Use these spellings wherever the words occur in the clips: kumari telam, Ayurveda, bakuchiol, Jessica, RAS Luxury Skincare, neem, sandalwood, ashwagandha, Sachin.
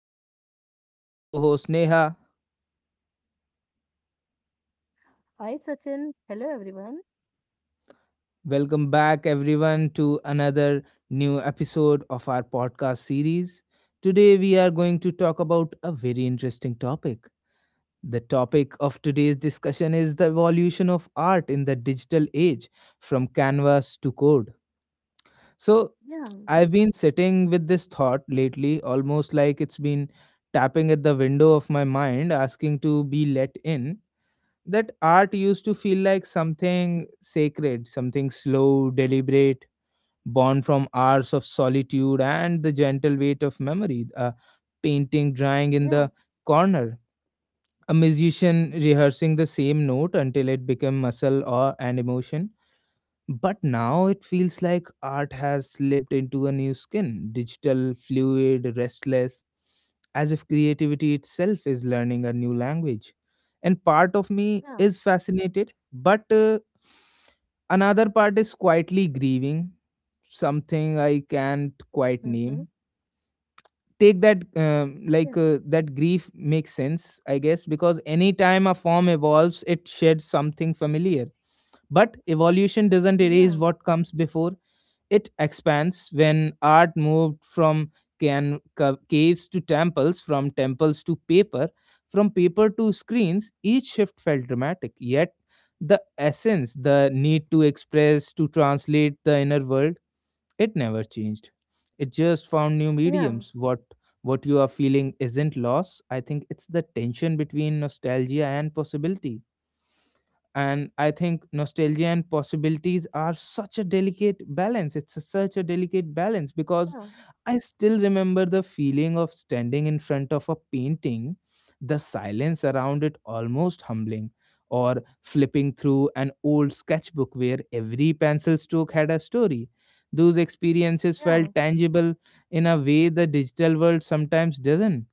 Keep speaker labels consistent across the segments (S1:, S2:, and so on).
S1: me is my wonderful co host Neha.
S2: Hi, Sachin. Hello, everyone.
S1: Welcome back, everyone, to another new episode of our podcast series. Today, we are going to talk about a very interesting topic. The topic of today's discussion is the evolution of art in the digital age from canvas to code. So,
S2: Yeah,
S1: I've been sitting with this thought lately, almost like it's been tapping at the window of my mind, asking to be let in. That art used to feel like something sacred, something slow, deliberate, born from hours of solitude and the gentle weight of memory. A painting drying in
S2: yeah,
S1: the corner, a musician rehearsing the same note until it became muscle or an emotion, but now it feels like art has slipped into a new skin, digital, fluid, restless, as if creativity itself is learning a new language. And part of me
S2: yeah.
S1: is fascinated, but another part is quietly grieving something I can't quite
S2: Mm-hmm.
S1: name. Take that,
S2: Yeah,
S1: like that grief makes sense, I guess, because anytime a form evolves, it sheds something familiar. But evolution doesn't
S2: yeah,
S1: erase what comes before, it expands. When art moved from caves to temples, from temples to paper, from paper to screens. Each shift felt dramatic, yet the essence, the need to express, to translate the inner world, it never changed. It just found new
S2: yeah,
S1: mediums. What you are feeling isn't loss. I think it's the tension between nostalgia and possibility, and I think nostalgia and possibilities are such a delicate balance. Such a delicate balance, because
S2: yeah,
S1: I still remember the feeling of standing in front of a painting, the silence around it almost humbling, or flipping through an old sketchbook where every pencil stroke had a story. Those experiences
S2: yeah,
S1: felt tangible in a way the digital world sometimes doesn't.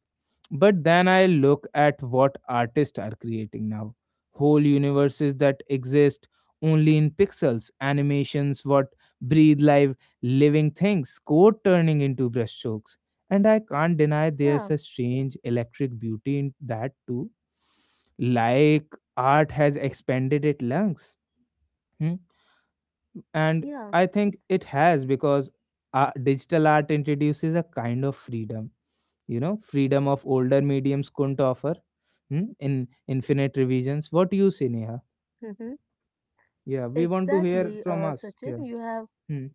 S1: But then I look at what artists are creating now, whole universes that exist only in pixels, animations, what breathe live, living things, code turning into brushstrokes. And I can't deny there's
S2: yeah,
S1: a strange electric beauty in that too. Like art has expanded its lungs. Hmm? And
S2: yeah.
S1: I think it has, because digital art introduces a kind of freedom, you know, freedom of older mediums couldn't offer, hmm? in infinite revisions. What you say, Neha?
S2: Mm-hmm.
S1: Yeah, we want to
S2: Exactly,
S1: hear
S2: uh,
S1: from us.
S2: Sachin. You
S1: Yeah.
S2: have
S1: Hmm.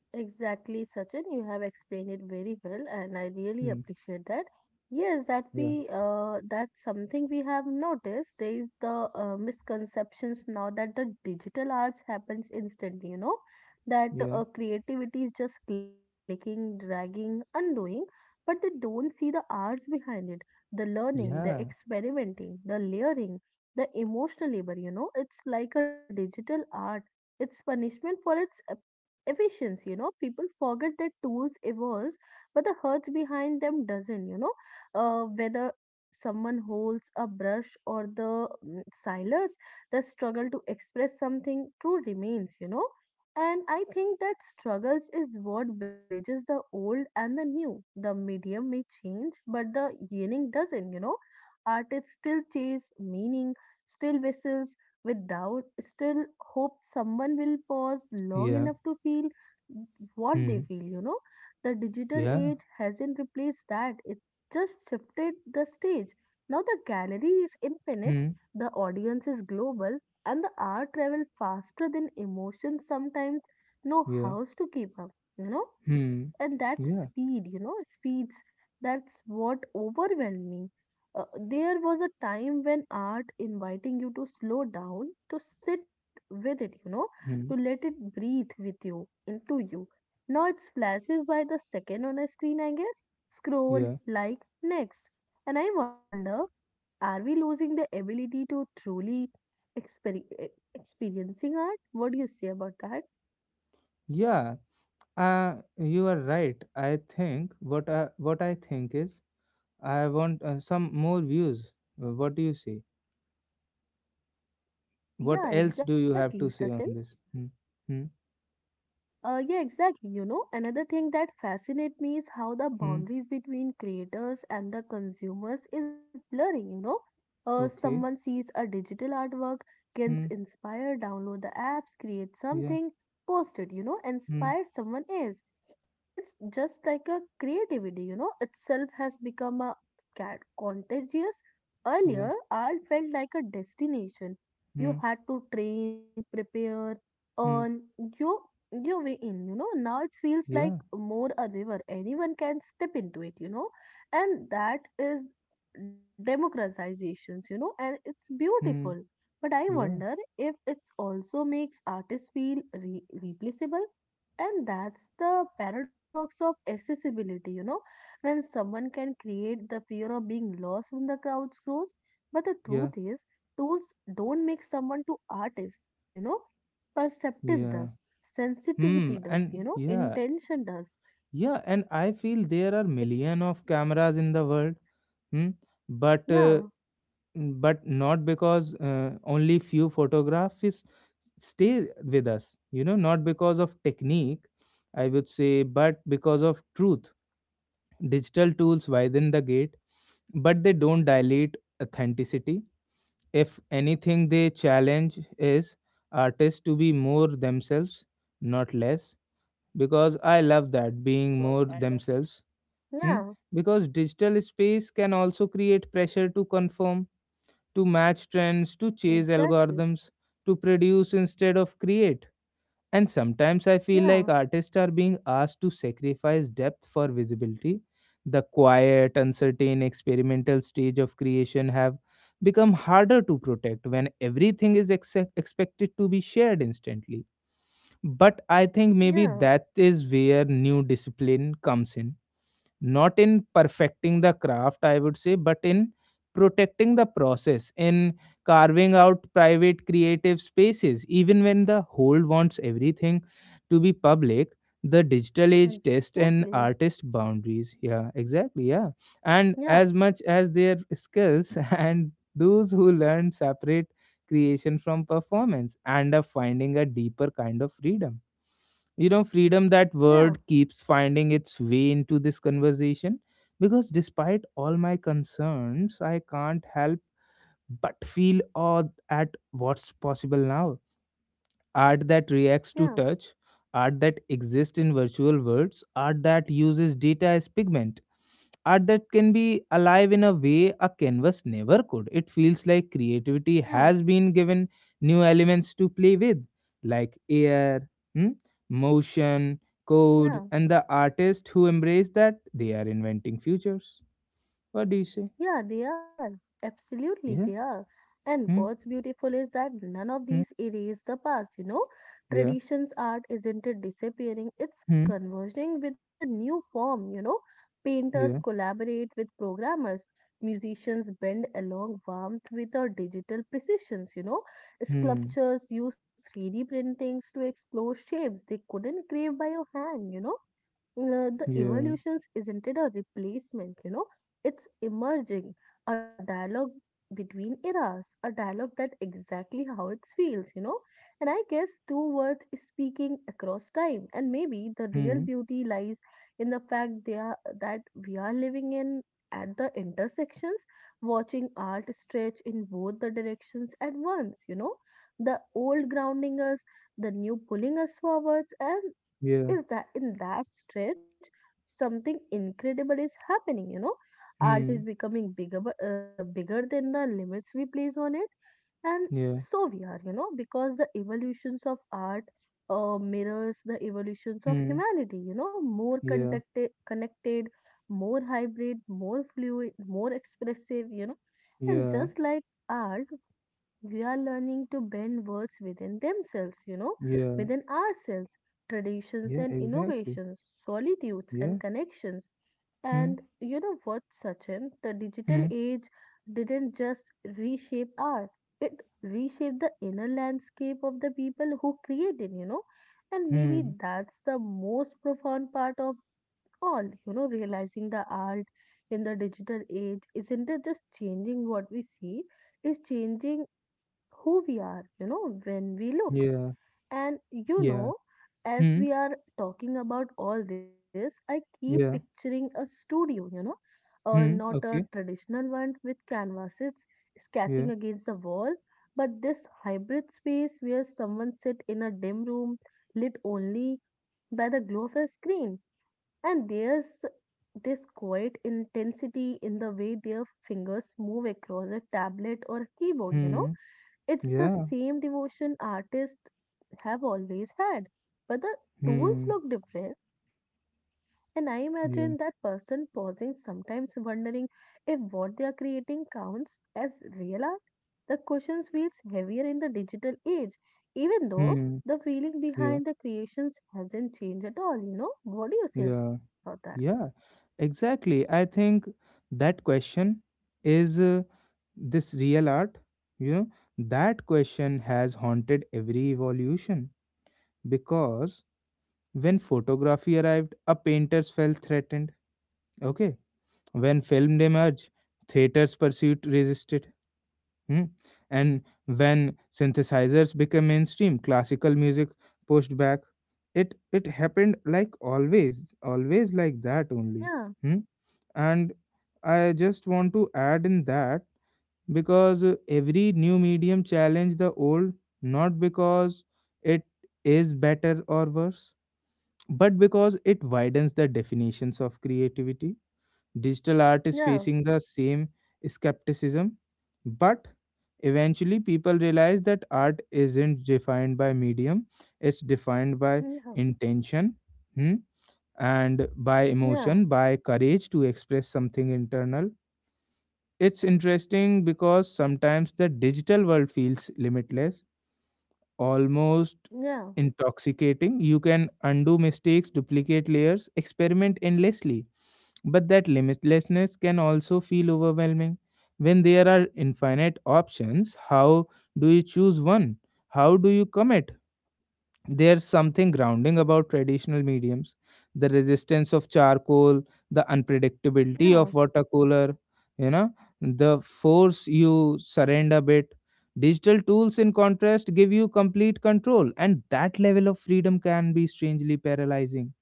S2: Exactly, Sachin. You have explained it very well, and I really
S1: Hmm.
S2: appreciate that. Yes,
S1: Yeah.
S2: that's something we have noticed. There is the misconceptions now that the digital arts happens instantly. You know that
S1: Yeah.
S2: uh, creativity is just clicking, dragging, undoing, but they don't see the arts behind it, the learning, the
S1: Yeah.
S2: experimenting, the layering, the emotional labor. You know, it's like a digital art. It's punishment for its efficiency. You know, people forget that tools evolve, but the hearts behind them doesn't, you know, whether someone holds a brush or the silence, the struggle to express something true remains, you know. And I think that struggles is what bridges the old and the new. The medium may change, but the yearning doesn't, you know. Artists still chase meaning, still whistles with doubt, still hope someone will pause long
S1: Yeah.
S2: enough to feel what they
S1: Hmm.
S2: feel, you know. The digital
S1: Yeah.
S2: age hasn't replaced that, it just shifted the stage. Now the gallery is infinite,
S1: Hmm.
S2: the audience is global, and the art travels faster than emotions sometimes know
S1: Yeah.
S2: how to keep up, you know.
S1: Hmm.
S2: And that
S1: Yeah.
S2: speed, speeds, that's what overwhelmed me. uh, there was a time when art inviting you to slow down, to sit with it, you know, to let
S1: Hmm.
S2: it breathe with you, into you. Now it flashes by the second on a screen. I guess scroll,
S1: Yeah.
S2: like, next. And I wonder, are we losing the ability to truly exper- e- experiencing art? What do you say about that?
S1: Yeah. You are right. I think what I think is I want some more views. What do you say? What
S2: Yeah,
S1: else do you
S2: exactly,
S1: have to
S2: Sachin.
S1: say on this? Hmm. Hmm.
S2: Yeah, exactly. You know, another thing that fascinates me is how the
S1: Hmm.
S2: boundaries between creators and the consumers is blurry, you know.
S1: Okay.
S2: Someone sees a digital artwork, gets
S1: Hmm.
S2: inspired, download the apps, create
S1: Yeah.
S2: something, post it, you know,
S1: Hmm.
S2: inspire someone else. It's just like a creativity, you know, itself has become a cat contagious. Earlier,
S1: Yeah.
S2: art felt like a destination.
S1: Hmm.
S2: You had to train, prepare,
S1: Hmm.
S2: earn. You you way in, you know. Now it feels like
S1: Yeah.
S2: more a river. Anyone can step into it, you know. And that is democratizations, you know, and it's
S1: Hmm.
S2: beautiful. But I
S1: Yeah.
S2: wonder if it also makes artists feel replaceable. And that's the paradox of accessibility, you know, when someone can create, the fear of being lost in the crowd's grows. But the
S1: Yeah.
S2: truth is, tools don't make someone to artist, you know, perceptives
S1: Yeah.
S2: does,
S1: Hmm.
S2: sensitivity does, you
S1: And
S2: know,
S1: yeah.
S2: intention does.
S1: Yeah. And I feel there are
S2: Like,
S1: million of cameras in the world. Hmm. But uh,
S2: yeah,
S1: but not because only few photographs stay with us. You know, not because of technique, I would say, but because of truth. Digital tools widen the gate, but they don't dilate authenticity. If anything, they challenge is artists to be more themselves, not less. Because I love that being more themselves. Hmm?
S2: yeah,
S1: Because digital space can also create pressure to conform, to match trends, to chase
S2: exactly.
S1: algorithms, to produce instead of create, and sometimes I feel like
S2: Yeah,
S1: artists are being asked to sacrifice depth for visibility. The quiet, uncertain, experimental stage of creation have become harder to protect when everything is expected to be shared instantly. But I think maybe
S2: yeah,
S1: that is where new discipline comes in, not in perfecting the craft, I would say, but in protecting the process, in carving out private creative spaces even when the whole wants everything to be public. The digital age test and
S2: exactly.
S1: artist boundaries. Yeah, exactly, yeah. And
S2: Yeah,
S1: as much as their skills and those who learn separate creation from performance and are finding a deeper kind of freedom. You know, freedom, that
S2: yeah,
S1: word keeps finding its way into this conversation, because despite all my concerns I can't help but feel awed at what's possible now. Art that reacts to
S2: yeah,
S1: touch, art that exists in virtual worlds, art that uses data as pigment, art that can be alive in a way a canvas never could. It feels like creativity
S2: yeah,
S1: has been given new elements to play with, like air, hmm, motion,
S2: yeah.
S1: code, and the artists who embrace that, they are inventing futures. What do you say?
S2: Yeah, they are. Absolutely, they
S1: Yeah.
S2: are. And
S1: Hmm.
S2: what's beautiful is that none of
S1: Hmm.
S2: these erase the past, you know.
S1: Yeah.
S2: Traditions art isn't it disappearing, it's
S1: Hmm.
S2: converging with a new form, you know. Painters
S1: Yeah.
S2: collaborate with programmers, musicians bend along warmth with our digital precisions, you know.
S1: Hmm.
S2: Sculptures use 3D printings to explore shapes they couldn't create by your hand, you know. The
S1: Yeah.
S2: evolutions isn't it a replacement, you know, it's emerging a dialogue between eras, a dialogue that exactly how it feels, you know. And I guess two words speaking across time, and maybe the real
S1: Hmm.
S2: beauty lies in the fact that we are living in at the intersections, watching art stretch in both the directions at once, you know. The old grounding us, the new pulling us forwards. And
S1: Yeah.
S2: is that in that stretch something incredible is happening, you know. Art is
S1: Hmm.
S2: becoming bigger, bigger than the limits we place on it. And
S1: Yeah.
S2: so we are, you know, because the evolutions of art mirrors the evolutions of
S1: Hmm.
S2: humanity, you know. More
S1: Yeah.
S2: contacted, connected, more hybrid, more fluid, more expressive, you know. And
S1: Yeah.
S2: just like art, we are learning to bend words within themselves, you know,
S1: Yeah.
S2: within ourselves, traditions
S1: Yeah.
S2: and
S1: Exactly.
S2: innovations, solitudes and
S1: Yeah.
S2: connections.
S1: Hmm.
S2: And you know what, Sachin, the digital
S1: Hmm.
S2: age didn't just reshape art, it reshaped the inner landscape of the people who created, you know. And maybe
S1: Hmm.
S2: that's the most profound part of all, you know, realizing the art in the digital age isn't it just changing what we see, it's changing who we are, you know, when we look.
S1: Yeah.
S2: And you
S1: Yeah.
S2: know, as
S1: Hmm.
S2: we are talking about all this, I keep
S1: Yeah.
S2: picturing a studio, you know, not
S1: Hmm.
S2: a
S1: Okay.
S2: traditional one with canvases sketching
S1: Yeah.
S2: against the wall, but this hybrid space where someone sit in a dim room lit only by the glow of a screen. And there's this quiet intensity in the way their fingers move across a tablet or a keyboard, you know.
S1: Hmm.
S2: It's the
S1: Yeah.
S2: same devotion artists have always had, but the tools
S1: Hmm.
S2: look different. And I imagine that person
S1: Yeah.
S2: pausing, sometimes wondering if what they are creating counts as real art. The question feels heavier in the digital age, even though
S1: Hmm.
S2: the feeling behind the
S1: Yeah.
S2: creations hasn't changed at all. You know, what do you say about
S1: Yeah.
S2: that?
S1: Yeah. Exactly. I think that question is this real art. You know, that question has haunted every evolution, because when photography arrived, a painters felt threatened. Okay. When film emerged, theaters pursued resisted. Hmm? And when synthesizers became mainstream, classical music pushed back. It happened like always, always like that only.
S2: Yeah,
S1: Hmm? And I just want to add in that, because every new medium challenge the old, not because it is better or worse, but because it widens the definitions of creativity. Digital art is
S2: yeah,
S1: facing the same skepticism, but eventually people realize that art isn't defined by medium, it's defined by
S2: yeah,
S1: intention, hmm, and by
S2: yeah,
S1: emotion, by courage to express something internal. It's interesting because sometimes the digital world feels limitless, almost
S2: yeah,
S1: intoxicating. You can undo mistakes, duplicate layers, experiment endlessly, but that limitlessness can also feel overwhelming. When there are infinite options, how do you choose one? How do you commit? There's something grounding about traditional mediums, the resistance of charcoal, the unpredictability
S2: yeah,
S1: of watercolor, you know, the force you surrender a bit. Digital tools, in contrast, give you complete control, and that level of freedom can be strangely paralyzing,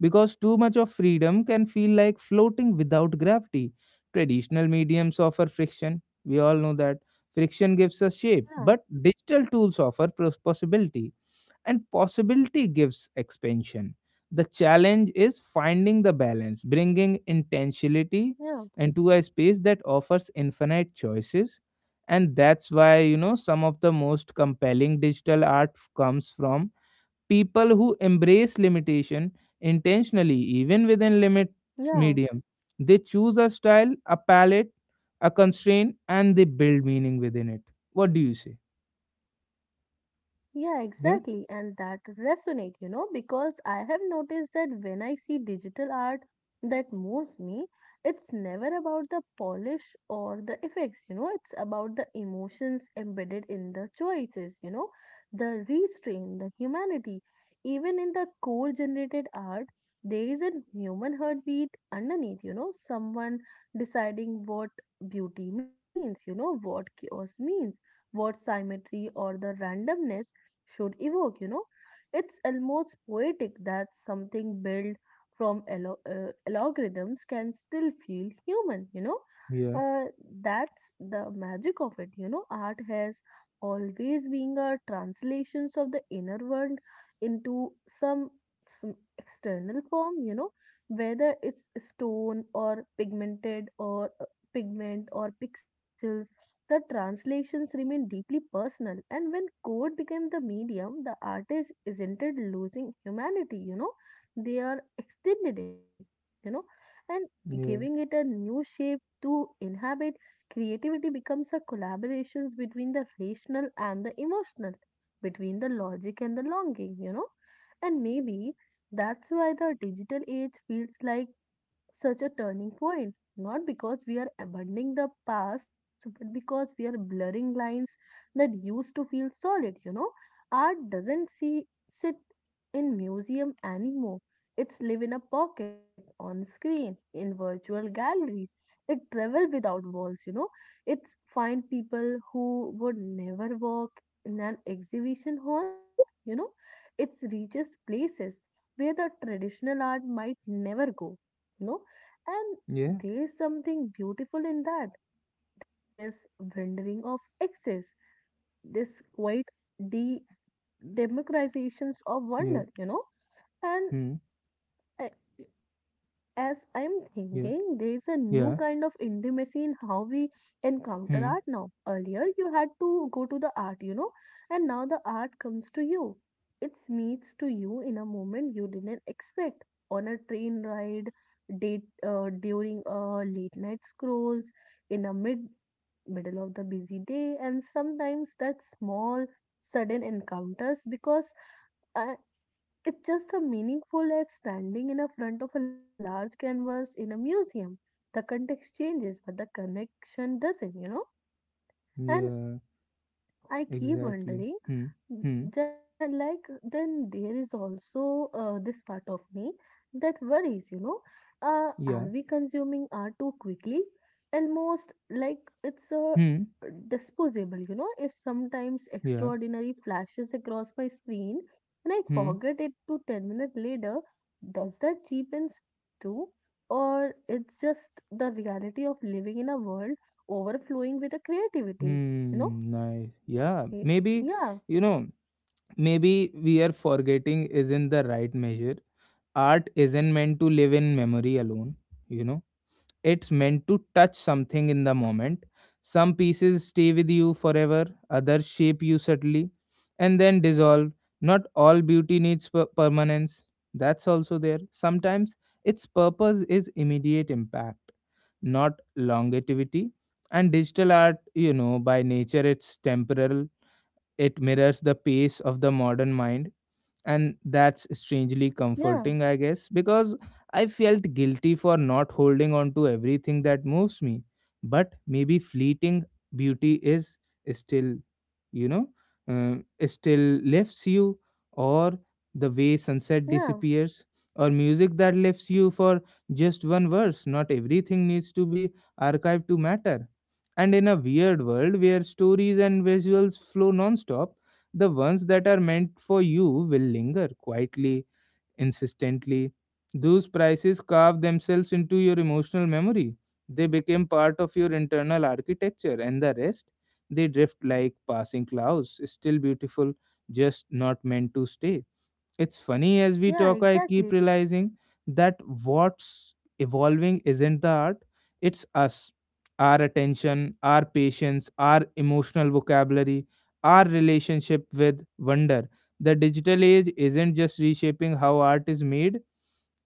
S1: because too much of freedom can feel like floating without gravity. Traditional mediums offer friction. We all know that. Friction gives us shape,
S2: yeah,
S1: but digital tools offer possibility, and possibility gives expansion. The challenge is finding the balance, bringing
S2: yeah. yeah,
S1: intentionality into a space that offers infinite choices. And that's why, you know, some of the most compelling digital art comes from people who embrace limitation intentionally, even within limits
S2: yeah.
S1: medium. They choose a style, a palette, a constraint, and they build meaning within it. What do you say?
S2: Yeah,
S1: Yeah,
S2: exactly. And that resonate, you know, because I have noticed that when I see digital art that moves me, it's never about the polish or the effects, you know, it's about the emotions embedded in the choices, you know, the restraint, the humanity. Even in the core generated art, there is a human heartbeat underneath, you know, someone deciding what beauty means, you know, what chaos means, what symmetry or the randomness should evoke, you know. It's almost poetic that something built from algorithms can still feel human, you know.
S1: yeah,
S2: Uh, that's the magic of it, you know. Art has always been a translations of the inner world into some external form, you know, whether it's stone or pigmented or pigment or pixels. The translations remain deeply personal, and when code became the medium, the artist isn't it losing humanity, you know? They are extending it, you know, and giving it
S1: yeah,
S2: a new shape to inhabit. Creativity becomes a collaborations between the rational and the emotional, between the logic and the longing, you know. And maybe that's why the digital age feels like such a turning point, not because we are abandoning the past, but because we are blurring lines that used to feel solid, you know. Art doesn't see sit in museum anymore. It's live in a pocket, on screen, in virtual galleries. It travel without walls, you know. It's find people who would never walk in an exhibition hall, you know. It's reaches places where the traditional art might never go, you know. And
S1: yeah,
S2: there is something beautiful in that. This rendering of excess, this quite de democratizations of
S1: yeah.
S2: wonder, you know. And
S1: Hmm.
S2: I- as I'm thinking,
S1: Yeah,
S2: there's a new kind of
S1: yeah.
S2: intimacy in how we encounter art
S1: Hmm.
S2: now. Earlier, you had to go to the art, you know, and now the art comes to you. It meets to you in a moment you didn't expect, on a train ride, date during a late night scrolls, in a middle of the busy day, and sometimes that small sudden encounters, because I it's just as meaningful as standing in a front of a large canvas in a museum. The context changes, but the connection doesn't, you know? And
S1: Yeah,
S2: I keep
S1: exactly.
S2: wondering,
S1: Hmm. Hmm.
S2: then there is also this part of me that worries, you know. Are
S1: Yeah.
S2: we consuming art too quickly, almost like it's a
S1: Hmm.
S2: disposable, you know, if sometimes
S1: Yeah.
S2: extraordinary flashes across my screen and I
S1: Hmm.
S2: forget it to 10 minutes later? Does that cheapens too, or it's just the reality of living in a world overflowing with the creativity,
S1: Hmm.
S2: you know
S1: Nice, yeah.
S2: Y-
S1: Maybe, you
S2: yeah
S1: know, maybe we are forgetting is in the right measure. Art isn't meant to live in memory alone, you know, it's meant to touch something in the moment. Some pieces stay with you forever, others shape you subtly and then dissolve. Not all beauty needs permanence, that's also there. Sometimes its purpose is immediate impact, not longevity. And digital art, you know, by nature it's temporal, it mirrors the pace of the modern mind, and that's strangely comforting, I
S2: yeah
S1: guess, because I felt guilty for not holding on to everything that moves me, but maybe fleeting beauty is still, you know, still lifts you, or the way sunset
S2: yeah
S1: disappears, or music that lifts you for just one verse. Not everything needs to be archived to matter, and in a weird world where stories and visuals flow nonstop, the ones that are meant for you will linger quietly, insistently. Those prices carve themselves into your emotional memory. They became part of your internal architecture, and the rest, they drift like passing clouds, still beautiful, just not meant to stay. It's funny, as we talk, I
S2: Yeah,
S1: keep
S2: exactly.
S1: realizing that what's evolving isn't the art, it's us. Our attention, our patience, our emotional vocabulary, our relationship with wonder. The digital age isn't just reshaping how art is made,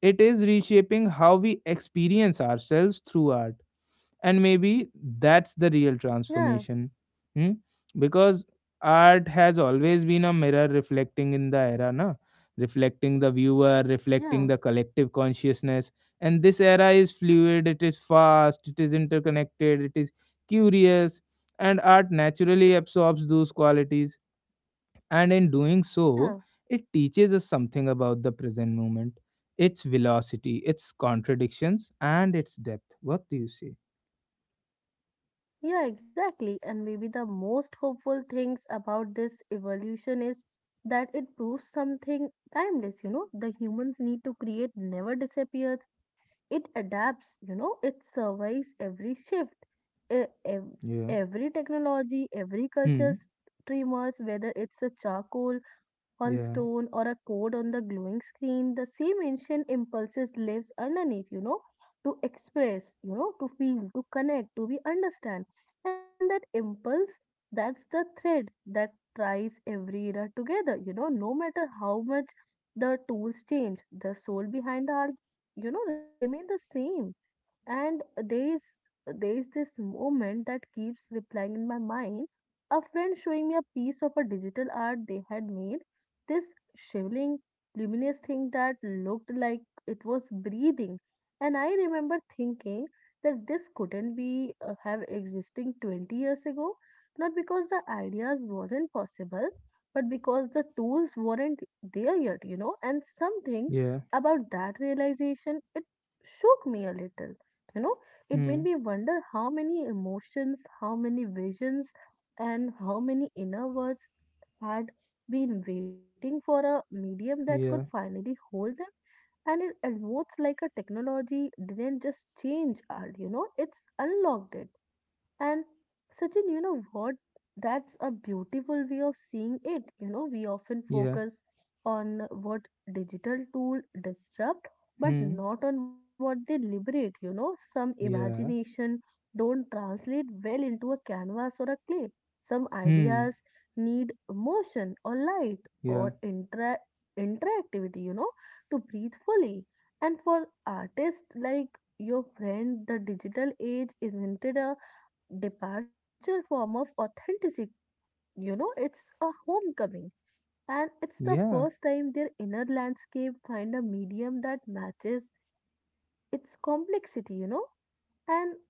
S1: it is reshaping how we experience ourselves through art, and maybe that's the real
S2: Yeah,
S1: transformation. Hmm? Because art has always been a mirror, reflecting in the era, na reflecting the viewer, reflecting the
S2: yeah,
S1: collective consciousness, and this era is fluid, it is fast, it is interconnected, it is curious, and art naturally absorbs those qualities, and in doing so
S2: yeah,
S1: it teaches us something about the present moment, its velocity, its contradictions, and its depth. What do you say?
S2: yeah, exactly. And maybe the most hopeful things about this evolution is that it proves something timeless, you know. The humans need to create never disappears. It adapts, you know, it survives every shift, e- ev-
S1: Yeah.
S2: every technology, every
S1: Hmm.
S2: culture's streamers, whether it's a charcoal on
S1: Yeah.
S2: stone or a code on the glowing screen, the same ancient impulses lives underneath, you know, to express, you know, to feel, to connect, to be understand. And that impulse, that's the thread that ties every era together. You know, no matter how much the tools change, the soul behind the art, you know, remain the same. And there is this moment that keeps replying in my mind. A friend showing me a piece of a digital art they had made. This shivering, luminous thing that looked like it was breathing. And I remember thinking that this couldn't be have existing 20 years ago, not because the ideas wasn't possible, but because the tools weren't there yet, you know. And something
S1: Yeah.
S2: about that realization, it shook me a little. You know, it made
S1: Hmm.
S2: me wonder how many emotions, how many visions, and how many inner words had been waiting for a medium that
S1: Yeah.
S2: could finally hold them. And it almost like a technology didn't just change art, you know, it's unlocked it and Sachin, you know what? That's a beautiful way of seeing it. You know, we often
S1: Yeah.
S2: focus on what digital tool disrupt, but
S1: Hmm.
S2: not on what they liberate. You know, some
S1: Yeah.
S2: imagination don't translate well into a canvas or a clay. Some
S1: Hmm.
S2: ideas need motion or light
S1: Yeah.
S2: or intra interactivity, you know, to breathe fully. And for artists like your friend, the digital age isn't it a departure form of authenticity. You know, it's a homecoming, and it's the
S1: Yeah.
S2: first time their inner landscape find a medium that matches its complexity. You know, and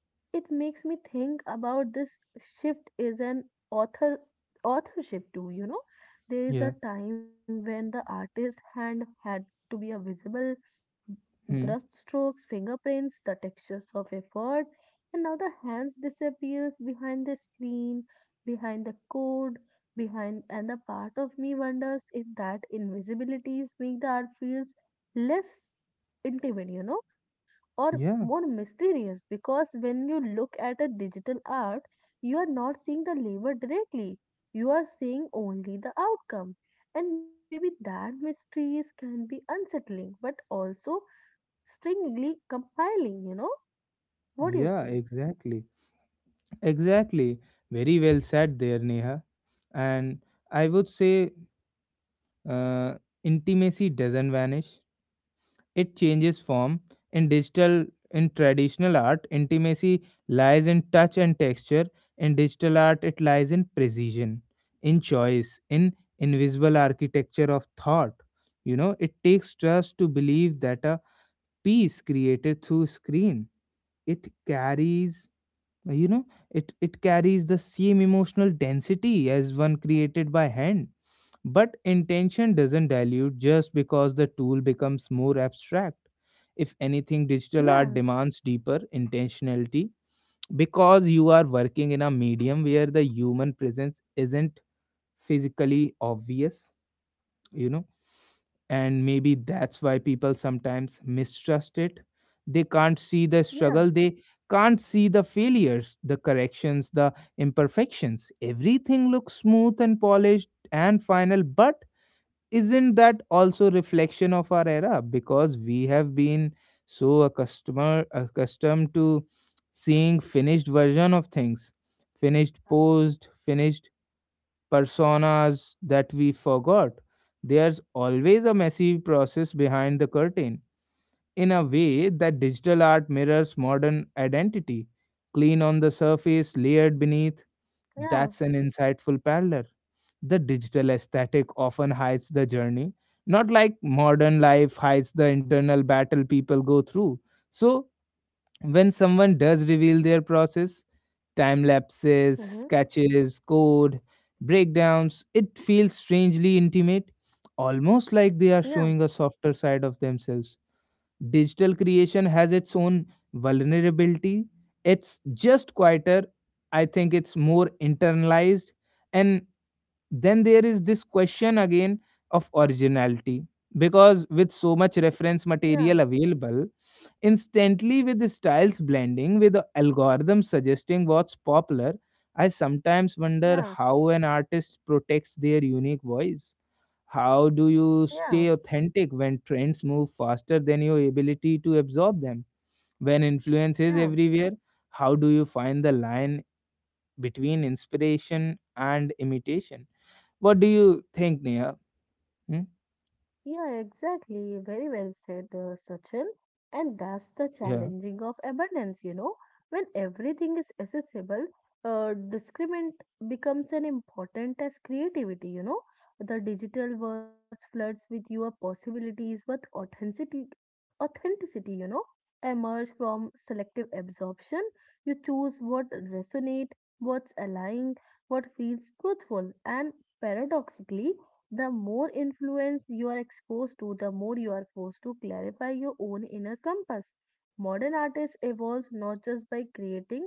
S2: it makes me think about this shift is an author authorship too. You know, there is a
S1: Yeah.
S2: time when the artist's hand had to be a visible
S1: Hmm.
S2: brushstrokes, fingerprints, the textures of effort, and now the hands disappears behind the screen, behind the code, behind and a part of me wonders if that invisibilities make the art feels less intimate, you know, or more
S1: Yeah.
S2: mysterious because when you look at a digital art, you are not seeing the labor directly. You are seeing only the outcome. And maybe that mysteries can be unsettling, but also Stringly compiling, you know? What do you
S1: Yeah.
S2: say?
S1: Exactly. Exactly. Very well said there, Neha. And I would say, uh, intimacy doesn't vanish, it changes form. In digital in traditional art, intimacy lies in touch and texture. In digital art, it lies in precision, in choice, in invisible architecture of thought. You know, it takes trust to believe that a piece created through screen, it carries you know it it carries the same emotional density as one created by hand, but intention doesn't dilute just because the tool becomes more abstract. If anything,
S2: Yeah,
S1: digital art demands deeper intentionality because you are working in a medium where the human presence isn't physically obvious, you know, and maybe that's why people sometimes mistrust it. They can't see the
S2: yeah,
S1: struggle, they can't see the failures, the corrections, the imperfections. Everything looks smooth and polished and final, but isn't that also reflection of our era because we have been so accustomed to seeing finished version of things, finished posed, finished personas that we forgot there's always a messy process behind the curtain, in a way that digital art mirrors modern identity, clean on the surface, layered beneath.
S2: yeah,
S1: That's an insightful parallel. The digital aesthetic often hides the journey, not like modern life hides the internal battle people go through. So, when someone does reveal their process, time
S2: hmm,
S1: lapses, sketches, code, breakdowns, it feels strangely intimate, almost like they are
S2: yeah,
S1: showing a softer side of themselves. Digital creation has its own vulnerability. It's just quieter. I think it's more internalized. And then there is this question again of originality. Because with so much reference
S2: yeah,
S1: material available, instantly, with the styles blending, with the algorithm suggesting what's popular, I sometimes
S2: yeah,
S1: wonder how an artist protects their unique voice. How do you
S2: yeah,
S1: stay authentic when trends move faster than your ability to absorb them? When influence is
S2: yeah.
S1: everywhere, how do you find the line between inspiration and imitation? What do you think, Nia? Hmm?
S2: Yeah, exactly. Very well said, Sachin. And that's the
S1: Yeah.
S2: challenging of abundance, you know. When everything is accessible, discriminant becomes an important as creativity, you know. The digital world floods with your possibilities, but authenticity, you know, emerge from selective absorption. You choose what resonate, what's aligned, what feels truthful, and paradoxically the more influence you are exposed to, the more you are forced to clarify your own inner compass. Modern artists evolve not just by creating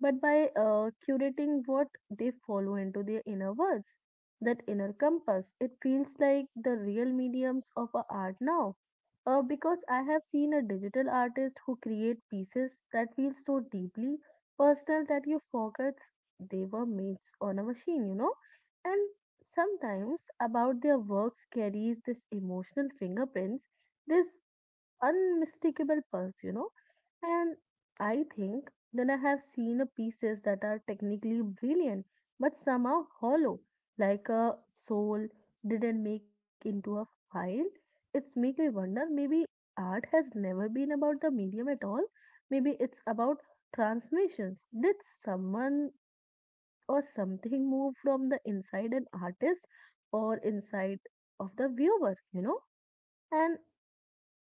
S2: but by curating what they follow into their inner words, that inner compass. It feels like the real mediums of our art now. Because I have seen a digital artist who create pieces that feel so deeply personal that you forget they were made on a machine, you know. And sometimes about their works carries this emotional fingerprints, this unmistakable pulse, you know. And I think then I have seen a pieces that are technically brilliant but somehow hollow, like a soul didn't make into a file. It's make me wonder maybe art has never been about the medium at all. Maybe it's about transmissions. Did someone or something move from the inside an artist or inside of the viewer, you know? And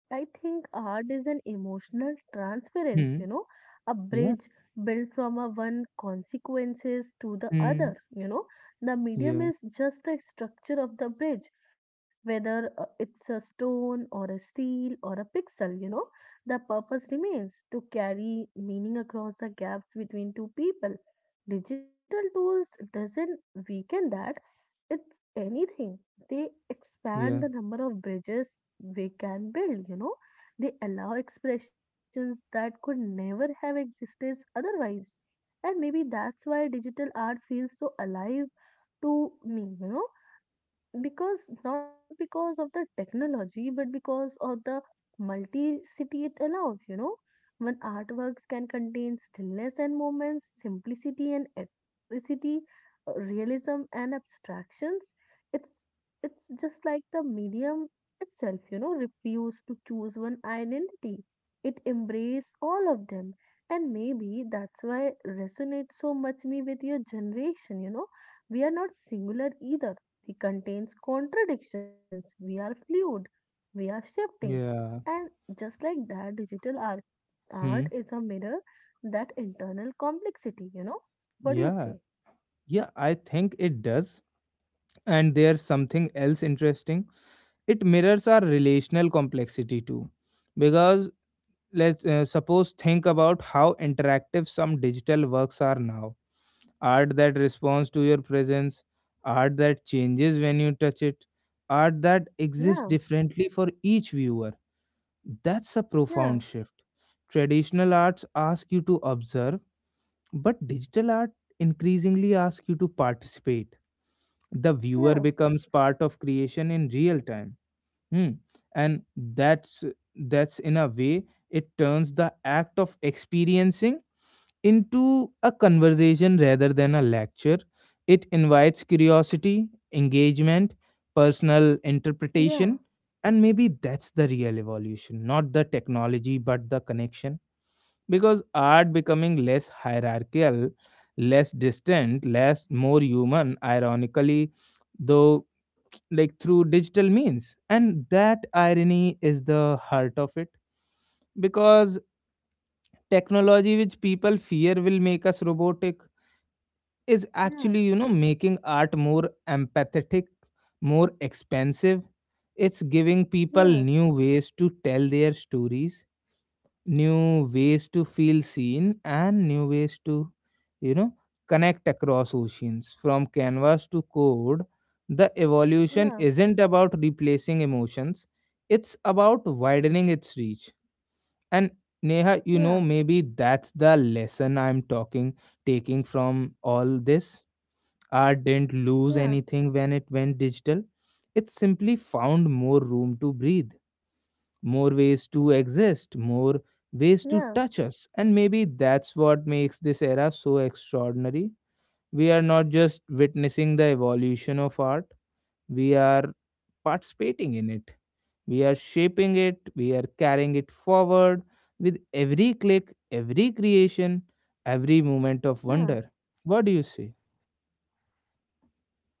S2: I think art is an emotional transference,
S1: Hmm.
S2: you know, a
S1: Yeah.
S2: bridge built from a one consequences to the
S1: Hmm.
S2: other, you know. The medium
S1: Yeah.
S2: is just a structure of the bridge, whether it's a stone or a steel or a pixel, you know. The purpose remains to carry meaning across the gaps between two people. Digital tools doesn't weaken that. It's anything. They expand
S1: Yeah.
S2: the number of bridges we can build, you know. They allow expressions that could never have existed otherwise. And maybe that's why digital art feels so alive to me, you know because not because of the technology but because of the multi-city it allows, you know, when artworks can contain stillness and moments simplicity and electricity, realism and abstractions, it's it's just like the medium itself, you know, refuse to choose one identity, it embrace all of them, and maybe that's why resonates so much me with your generation, you know, we are not singular either, he contains contradictions. We are fluid, we are shifting.
S1: Yeah.
S2: And just like that, digital art,
S1: Hmm.
S2: art is a mirror that internal complexity, you know? What do you
S1: Yeah.
S2: say?
S1: Yeah, I think it does. And there's something else interesting. It mirrors our relational complexity too. Because let's suppose think about how interactive some digital works are now, art that responds to your presence, art that changes when you touch it, art that exists
S2: Yeah,
S1: differently for each viewer. That's a
S2: yeah,
S1: profound shift. Traditional arts ask you to observe, but digital art increasingly asks you to participate. The viewer
S2: yeah,
S1: becomes part of creation in real time. Hmm. And that's that's in a way it turns the act of experiencing into a conversation rather than a lecture. It invites curiosity, engagement, personal
S2: yeah,
S1: interpretation, and maybe that's the real evolution, not the technology but the connection, because art becoming less hierarchical, less distant, less, more human, ironically, though, like through digital means, and that irony is the heart of it, because technology which people fear will make us robotic is
S2: yeah,
S1: actually making art more empathetic, more expensive. It's giving people
S2: yeah,
S1: new ways to tell their stories, new ways to feel seen, and new ways to you know connect across oceans. From canvas to code, the evolution
S2: yeah,
S1: isn't about replacing emotions, it's about widening its reach. And, Neha,
S2: yeah,
S1: maybe that's the lesson I'm talking taking from all this. Art didn't lose
S2: yeah,
S1: anything when it went digital, it simply found more room to breathe, more ways to exist, more ways to
S2: yeah,
S1: touch us. And maybe that's what makes this era so extraordinary. We are not just witnessing the evolution of art, we are participating in it. We are shaping it, we are carrying it forward with every click, every creation, every moment of
S2: yeah.
S1: wonder. What do you say?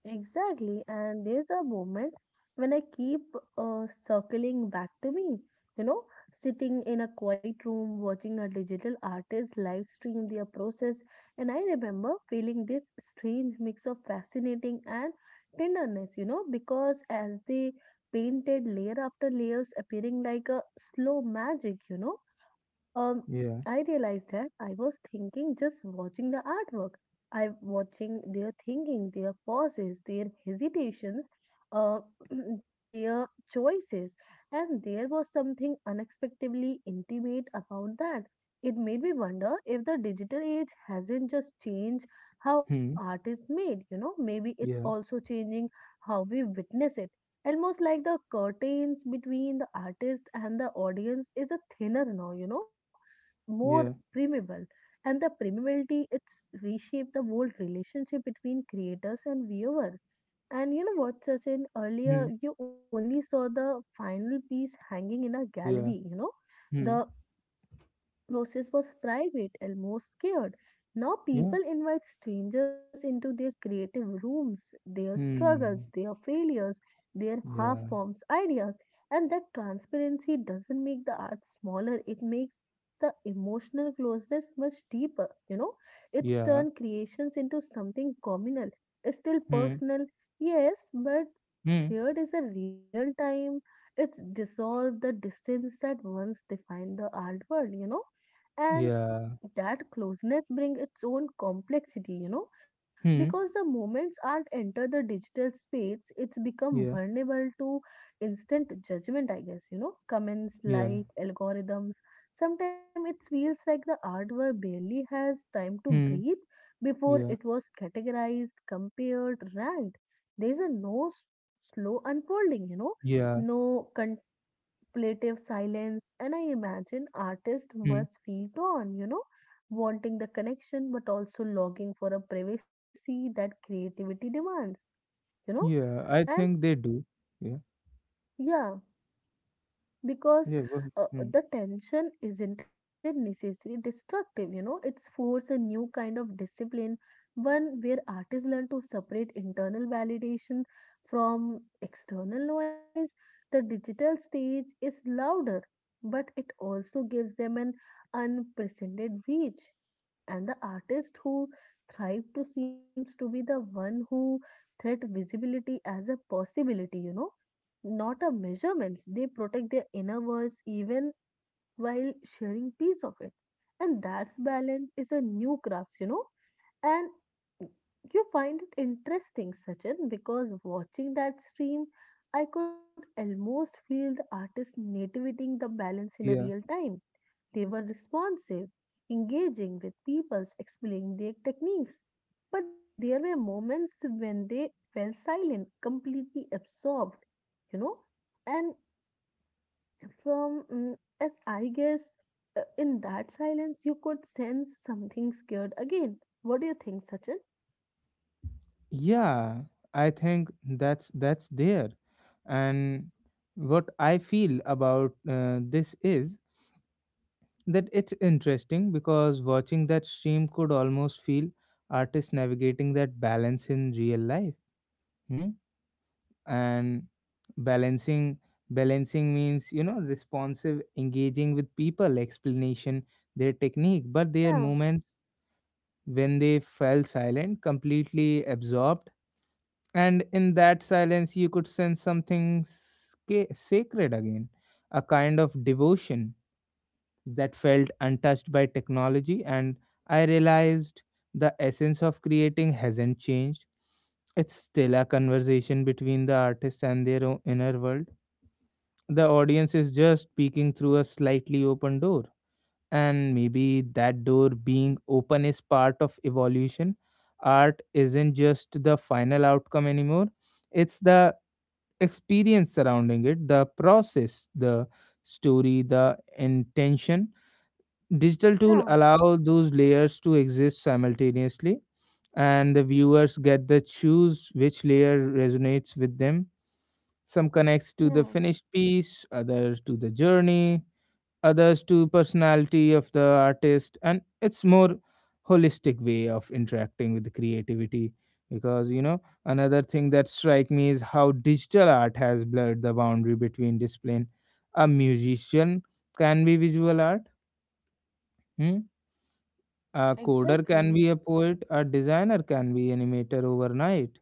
S2: Exactly, and there's a moment when I keep circling back to me, you know, sitting in a quiet room watching a digital artist live stream their process. And I remember feeling this strange mix of fascinating and tenderness, you know, because as they painted layer after layers appearing like a slow magic, you know, um, I
S1: Yeah.
S2: realized that I was thinking just watching the artwork I'm watching their thinking, their pauses, their hesitations, uh, their choices. And there was something unexpectedly intimate about that. It made me wonder if the digital age hasn't just changed how
S1: Hmm.
S2: art is made, you know, maybe it's
S1: Yeah.
S2: also changing how we witness it. Almost like the curtains between the artist and the audience is a thinner now, you know, more
S1: Yeah.
S2: permeable and the permeability it's reshaped the whole relationship between creators and viewer. And you know what Sachin,
S1: Hmm.
S2: earlier you only saw the final piece hanging in a gallery,
S1: Yeah.
S2: you know, the
S1: Hmm.
S2: process was private and more scared. Now
S1: Yeah.
S2: people invite strangers into their creative rooms, their struggles,
S1: Hmm.
S2: their failures, their half
S1: Yeah.
S2: forms ideas. And that transparency doesn't make the art smaller, it makes the emotional closeness much deeper, you know. It's
S1: Yeah.
S2: turned creations into something communal, still
S1: Hmm.
S2: personal, yes, but
S1: Hmm.
S2: shared is a real time. It's dissolved the distance that once defined the art world, you know, and
S1: Yeah.
S2: that closeness brings its own complexity, you know,
S1: Hmm.
S2: because the moments art enter the digital space, it's become
S1: Yeah.
S2: vulnerable to instant judgment, I guess, you know, comments,
S1: Yeah.
S2: like, algorithms. Sometimes it feels like the artwork barely has time to
S1: Hmm.
S2: breathe before
S1: Yeah.
S2: it was categorized, compared, ranked. There's a no s- Slow unfolding, you know,
S1: Yeah.
S2: no plaintive silence, and I imagine artists
S1: Hmm.
S2: must feel torn, you know, wanting the connection but also longing for a privacy that creativity demands, you know.
S1: Yeah. I
S2: And
S1: think they do. Yeah.
S2: yeah, because
S1: Yeah. Well, hmm,
S2: the tension isn't it necessarily destructive, you know, it's force a new kind of discipline, one where artists learn to separate internal validation from external noise. The digital stage is louder but it also gives them an unprecedented reach, and the artist who thrive to seems to be the one who threat visibility as a possibility, you know, not a measurements. They protect their inner words even while sharing piece of it. And that's balance is a new craft, you know. And you find it interesting, Sachin, because watching that stream, I could almost feel the artist navigating the balance in a
S1: yeah.
S2: real time. They were responsive, engaging with people, explaining their techniques. But there were moments when they fell silent, completely absorbed, you know. And from, mm, as I guess, in that silence, you could sense something scared again. What do you think, Sachin?
S1: Yeah, I think that's there. And what I feel about this is that it's interesting, because watching that stream, could almost feel artists navigating that balance in real life. Hmm. And balancing balancing means, responsive, engaging with people, explanation their technique, but their
S2: Yeah,
S1: moments when they fell silent, completely absorbed, and in that silence you could sense something sacred again, a kind of devotion that felt untouched by technology. And I realized the essence of creating hasn't changed. It's still a conversation between the artist and their own inner world. The audience is just peeking through a slightly open door. And maybe that door being open is part of evolution. Art isn't just the final outcome anymore, it's the experience surrounding it, the process, the story, the intention. Digital tool
S2: yeah,
S1: allow those layers to exist simultaneously, and the viewers get to choose which layer resonates with them. Some connects to the
S2: yeah,
S1: finished piece, others to the journey, others to personality of the artist, and it's more holistic way of interacting with the creativity. Because another thing that strike me is how digital art has blurred the boundary between discipline. A musician can be visual art. Hmm? A coder can be
S2: exactly.
S1: a poet, a designer can be animator overnight.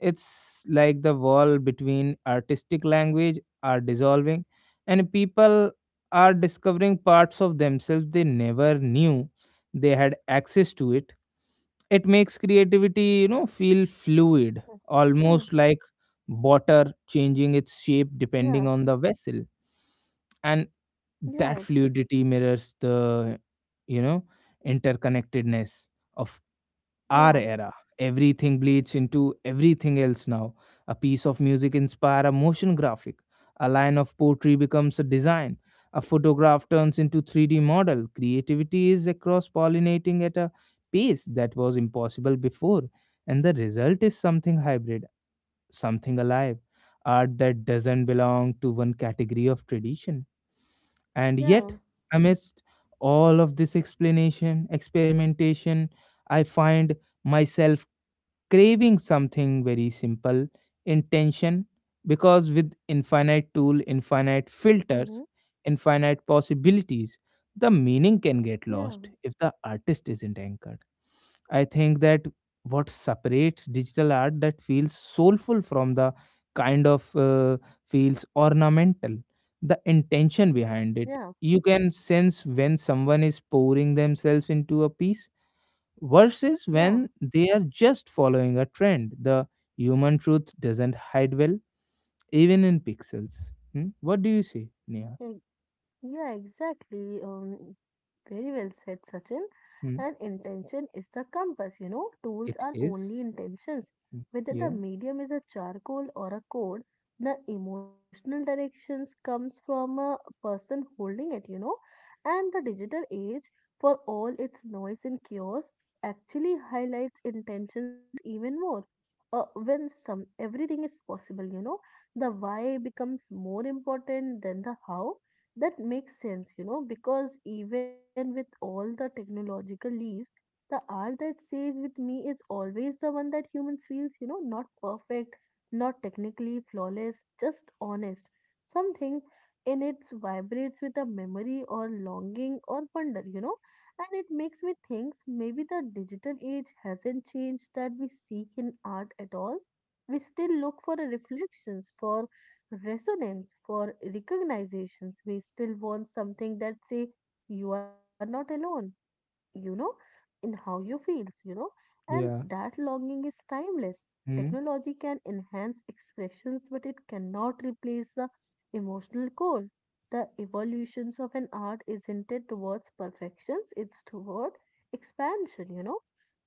S1: It's like the wall between artistic language are dissolving, and people are discovering parts of themselves they never knew they had access to it. It makes creativity feel
S2: Yeah.
S1: fluid,
S2: Hmm.
S1: almost like water changing its shape depending
S2: Yeah.
S1: on the vessel. And that
S2: Yeah.
S1: fluidity mirrors the you know interconnectedness of our
S2: Yeah.
S1: era. Everything bleeds into everything else now. A piece of music inspires a motion graphic. A line of poetry becomes a design. A photograph turns into 3D model. Creativity is across pollinating at a pace that was impossible before. And the result is something hybrid, something alive. Art that doesn't belong to one category of tradition. And
S2: Yeah.
S1: yet, amidst all of this explanation, experimentation, I find myself craving something very simple, intention. Because with infinite tool, infinite filters,
S2: Mm-hmm.
S1: infinite possibilities, the meaning can
S2: Yeah.
S1: get lost if the artist isn't anchored. I think that what separates digital art that feels soulful from the kind of feels ornamental, the intention behind
S2: Yeah.
S1: it. You can sense when someone is pouring themselves into a piece versus
S2: Yeah.
S1: when they are just following a trend. The human truth doesn't hide well, even in pixels. Hmm? What do you say, Nia?
S2: Yeah, exactly. Very well said, Sachin. And
S1: Hmm?
S2: intention is the compass, you know. Tools
S1: It
S2: are
S1: is.
S2: only intentions.
S1: Hmm.
S2: Whether the
S1: Yeah.
S2: medium is a charcoal or a code, the emotional directions comes from a person holding it, you know. And the digital age, for all its noise and chaos, actually highlights intentions even more. When some everything is possible, you know, the why becomes more important than the how that makes sense, you know, because even with all the technological leaves, the art that stays with me is always the one that humans feels, you know, not perfect, not technically flawless, just honest. Something in it vibrates with a memory or longing or wonder, you know, and it makes me think maybe the digital age hasn't changed that we seek in art at all. We still look for the reflections, for resonance for recognitions, we still want something that say you are not alone, you know, in how you feel, you know, and
S1: Yeah.
S2: that longing is timeless.
S1: Hmm?
S2: Technology can enhance expressions, but it cannot replace the emotional core. The evolutions of an art isn't it towards perfections, it's toward expansion, you know,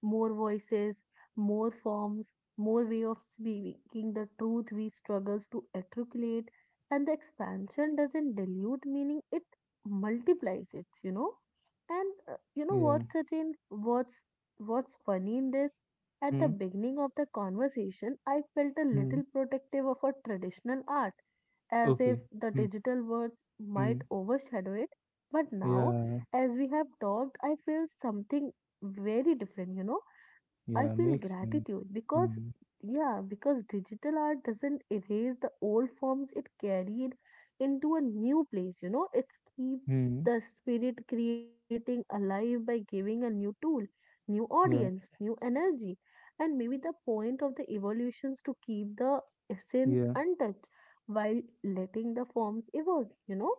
S2: more voices, more forms, more way of speaking the truth we struggles to articulate, and the expansion doesn't dilute meaning, it multiplies it, you know. And you know what,
S1: Yeah.
S2: Sachin? What's funny in this? At
S1: Hmm?
S2: the beginning of the conversation, I felt a
S1: Hmm.
S2: little protective of our traditional art, as if
S1: Okay.
S2: the
S1: Hmm.
S2: digital words
S1: Hmm.
S2: might overshadow it. But now,
S1: Yeah.
S2: as we have talked, I feel something very different, you know. I
S1: Yeah.
S2: feel
S1: Makes sense.
S2: gratitude because,
S1: Hmm.
S2: yeah, because digital art doesn't erase the old forms it carried into a new place, you know, it keeps
S1: Hmm.
S2: the spirit creating alive by giving a new tool, new audience,
S1: Yeah.
S2: new energy. And maybe the point of the evolutions to keep the essence
S1: Yeah.
S2: untouched while letting the forms evolve, you know,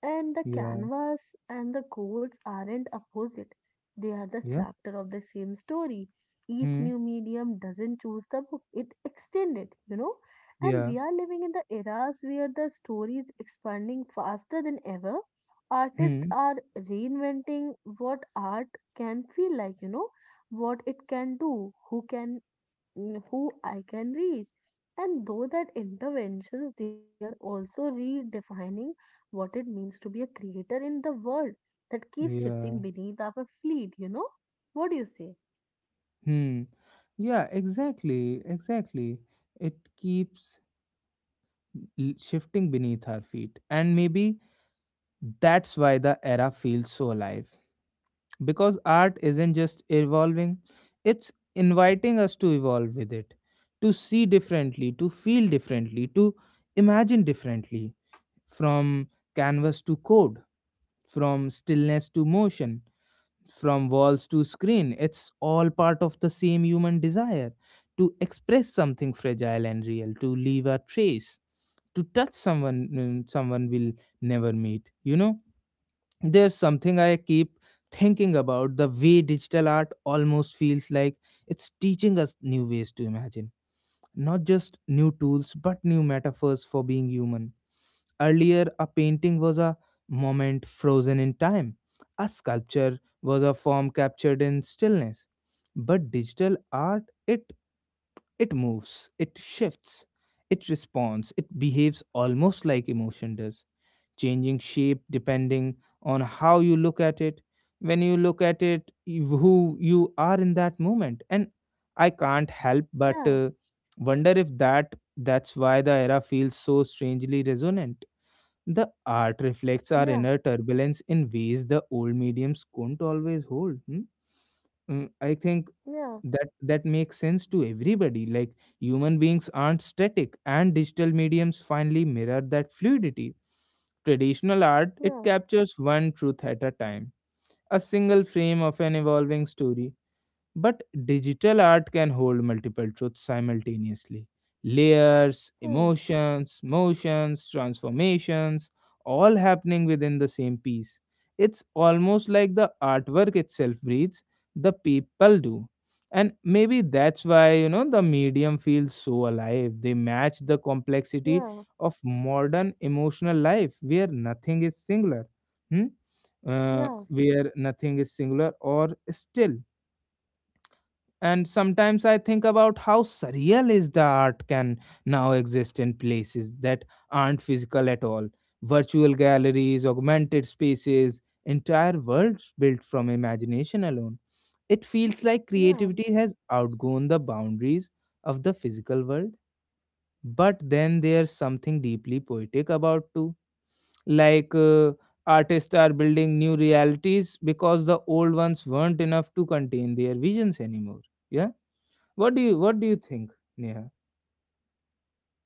S2: and the
S1: Yeah.
S2: canvas and the goals aren't opposite. They are the
S1: Yeah.
S2: chapter of the same story. Each
S1: Hmm.
S2: new medium doesn't choose the book, it extends it, you know. And
S1: Yeah.
S2: we are living in the eras where the story is expanding faster than ever. Artists
S1: Hmm.
S2: are reinventing what art can feel like, you know, what it can do, who can who I can reach. And though that interventions, they are also redefining what it means to be a creator in the world that keeps
S1: Yeah.
S2: shifting beneath our feet, What do you say?
S1: Hmm. Yeah. Exactly. Exactly. It keeps shifting beneath our feet. And maybe that's why the era feels so alive. Because art isn't just evolving, it's inviting us to evolve with it, to see differently, to feel differently, to imagine differently, from canvas to code, from stillness to motion, from walls to screen. It's all part of the same human desire to express something fragile and real, to leave a trace, to touch someone, someone will never meet. There's something I keep thinking about, the way digital art almost feels like it's teaching us new ways to imagine, not just new tools but new metaphors for being human. Earlier, a painting was a moment frozen in time, a sculpture was a form captured in stillness, but digital art, it moves, it shifts, it responds, it behaves almost like emotion does, changing shape depending on how you look at it, when you look at it, who you are in that moment. And I can't help but
S2: Yeah,
S1: wonder if that's why the era feels so strangely resonant. The art reflects
S2: yeah,
S1: our inner turbulence in ways the old mediums couldn't always hold. Hmm? I think
S2: yeah,
S1: that makes sense to everybody. Like, human beings aren't static, and digital mediums finally mirror that fluidity. Traditional art, it
S2: yeah,
S1: captures one truth at a time, a single frame of an evolving story. But digital art can hold multiple truths simultaneously, layers,
S2: hmm,
S1: emotions, motions, transformations, all happening within the same piece. It's almost like the artwork itself breathes, the people do. And maybe that's why, the medium feels so alive. They match the complexity
S2: yeah,
S1: of modern emotional life where nothing is singular. Hmm?
S2: yeah,
S1: Where nothing is singular or still. And sometimes I think about how surreal is the art can now exist in places that aren't physical at all. Virtual galleries, augmented spaces, entire worlds built from imagination alone. It feels like
S2: yeah.
S1: creativity has outgrown the boundaries of the physical world. But then there's something deeply poetic about too. Like, artists are building new realities because the old ones weren't enough to contain their visions anymore. Yeah, what do you think, Neha?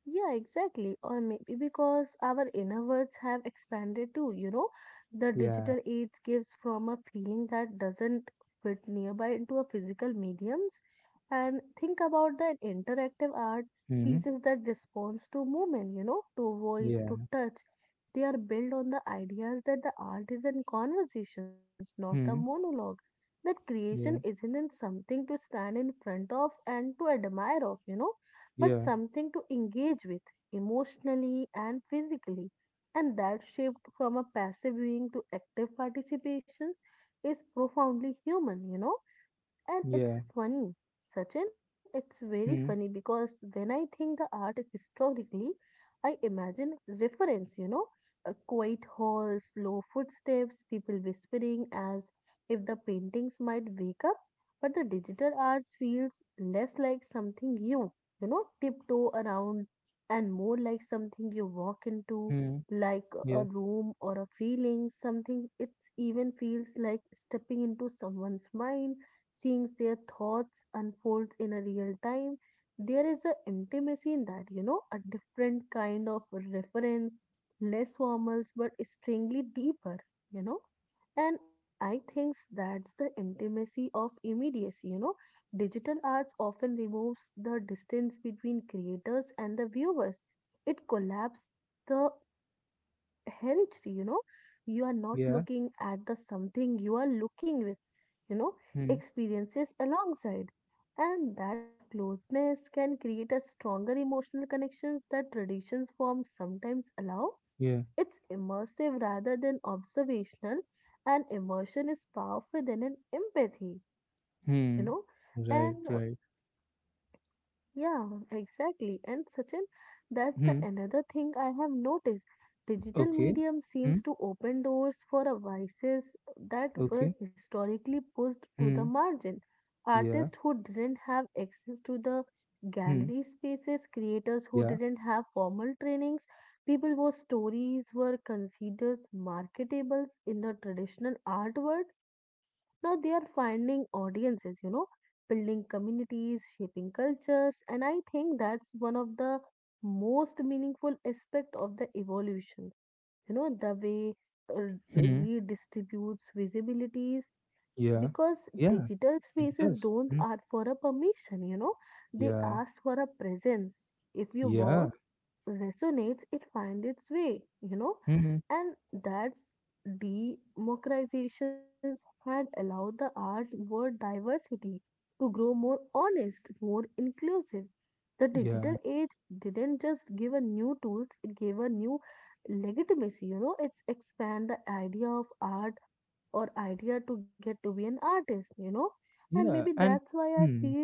S2: Yeah, exactly. Or maybe because our inner worlds have expanded too, the
S1: Yeah.
S2: digital age gives from a feeling that doesn't fit nearby into a physical mediums. And think about the interactive art
S1: Hmm.
S2: pieces that responds to movement, to voice, to
S1: Yeah.
S2: touch. They are built on the ideas that the art is in conversations, not a
S1: Hmm.
S2: monologue. That creation
S1: Yeah.
S2: isn't in something to stand in front of and to admire of but
S1: Yeah.
S2: something to engage with emotionally and physically. And that shift from a passive viewing to active participations is profoundly human, and it's
S1: Yeah.
S2: funny, Sachin, it's very funny
S1: Hmm.
S2: because when I think the art historically, I imagine reference, a quiet hall, slow footsteps, people whispering as if the paintings might wake up. But the digital arts feels less like something you tiptoe around and more like something you walk into,
S1: Hmm.
S2: like a
S1: Yeah.
S2: room or a feeling, something it even feels like stepping into someone's mind seeing their thoughts unfold in a real time. There is an intimacy in that, a different kind of reference, less formal but extremely deeper, you know. And I think that's the intimacy of immediacy. Digital arts often removes the distance between creators and the viewers. It collapses the healthy, you are not
S1: Yeah.
S2: looking at the something you are looking with you know
S1: Hmm.
S2: experiences alongside, and that closeness can create a stronger emotional connections that traditions form sometimes allow.
S1: Yeah.
S2: It's immersive rather than observational, and immersion is powerful than an empathy you
S1: Hmm.
S2: know
S1: Right.
S2: and
S1: Right.
S2: yeah, exactly. And Sachin, that's the
S1: Hmm.
S2: another thing I have noticed. Digital
S1: Okay.
S2: medium
S1: Hmm.
S2: seems to open doors for a vices that were
S1: Okay.
S2: historically pushed to the
S1: Hmm.
S2: margin.
S1: Yeah.
S2: Artists who didn't have access to the
S1: Hmm.
S2: gallery spaces, creators who
S1: Yeah.
S2: didn't have formal trainings, people whose stories were considered marketables in the traditional art world. Now they are finding audiences, building communities, shaping cultures, and I think that's one of the most meaningful aspect of the evolution, the way
S1: Hmm.
S2: redistributes visibilities
S1: Yeah.
S2: because
S1: Yeah.
S2: digital
S1: It
S2: spaces
S1: does.
S2: don't
S1: Hmm.
S2: ask for a permission. They
S1: Yeah.
S2: ask for a presence. If your work
S1: Yeah.
S2: resonates, it finds its way.
S1: Hmm.
S2: And that's democratizations had allowed the art world diversity to grow more honest, more inclusive. The digital
S1: Yeah.
S2: age didn't just give a new tools, it gave a new legitimacy. It's expand the idea of art or idea to get to be an artist. And maybe
S1: Yeah.
S2: that's
S1: And.
S2: why I
S1: Hmm.
S2: feel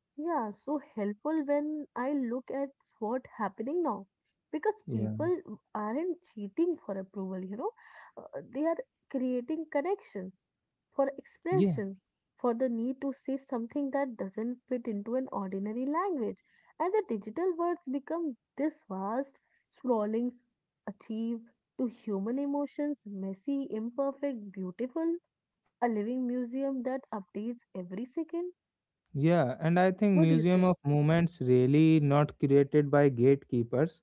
S2: yeah, so helpful when I look at what happening now because
S1: Yeah.
S2: people aren't cheating for approval, you know, they are creating connections for
S1: Yeah.
S2: expressions for the need to say something that doesn't fit into an ordinary language. And the digital words become this vast, sprawling, achieve to human emotions, messy, imperfect, beautiful, a living museum that updates every second.
S1: Yeah, and I think
S2: What do you
S1: Museum
S2: say?
S1: of Movements really not created by gatekeepers,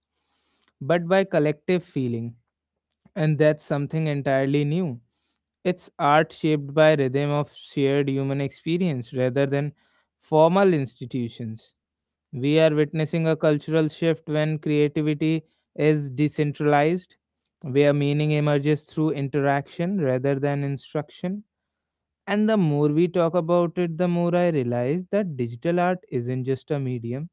S1: but by collective feeling, and that's something entirely new. It's art shaped by rhythm of shared human experience rather than formal institutions. We are witnessing a cultural shift when creativity is decentralized, where meaning emerges through interaction rather than instruction. And the more we talk about it, the more I realize that digital art isn't just a medium,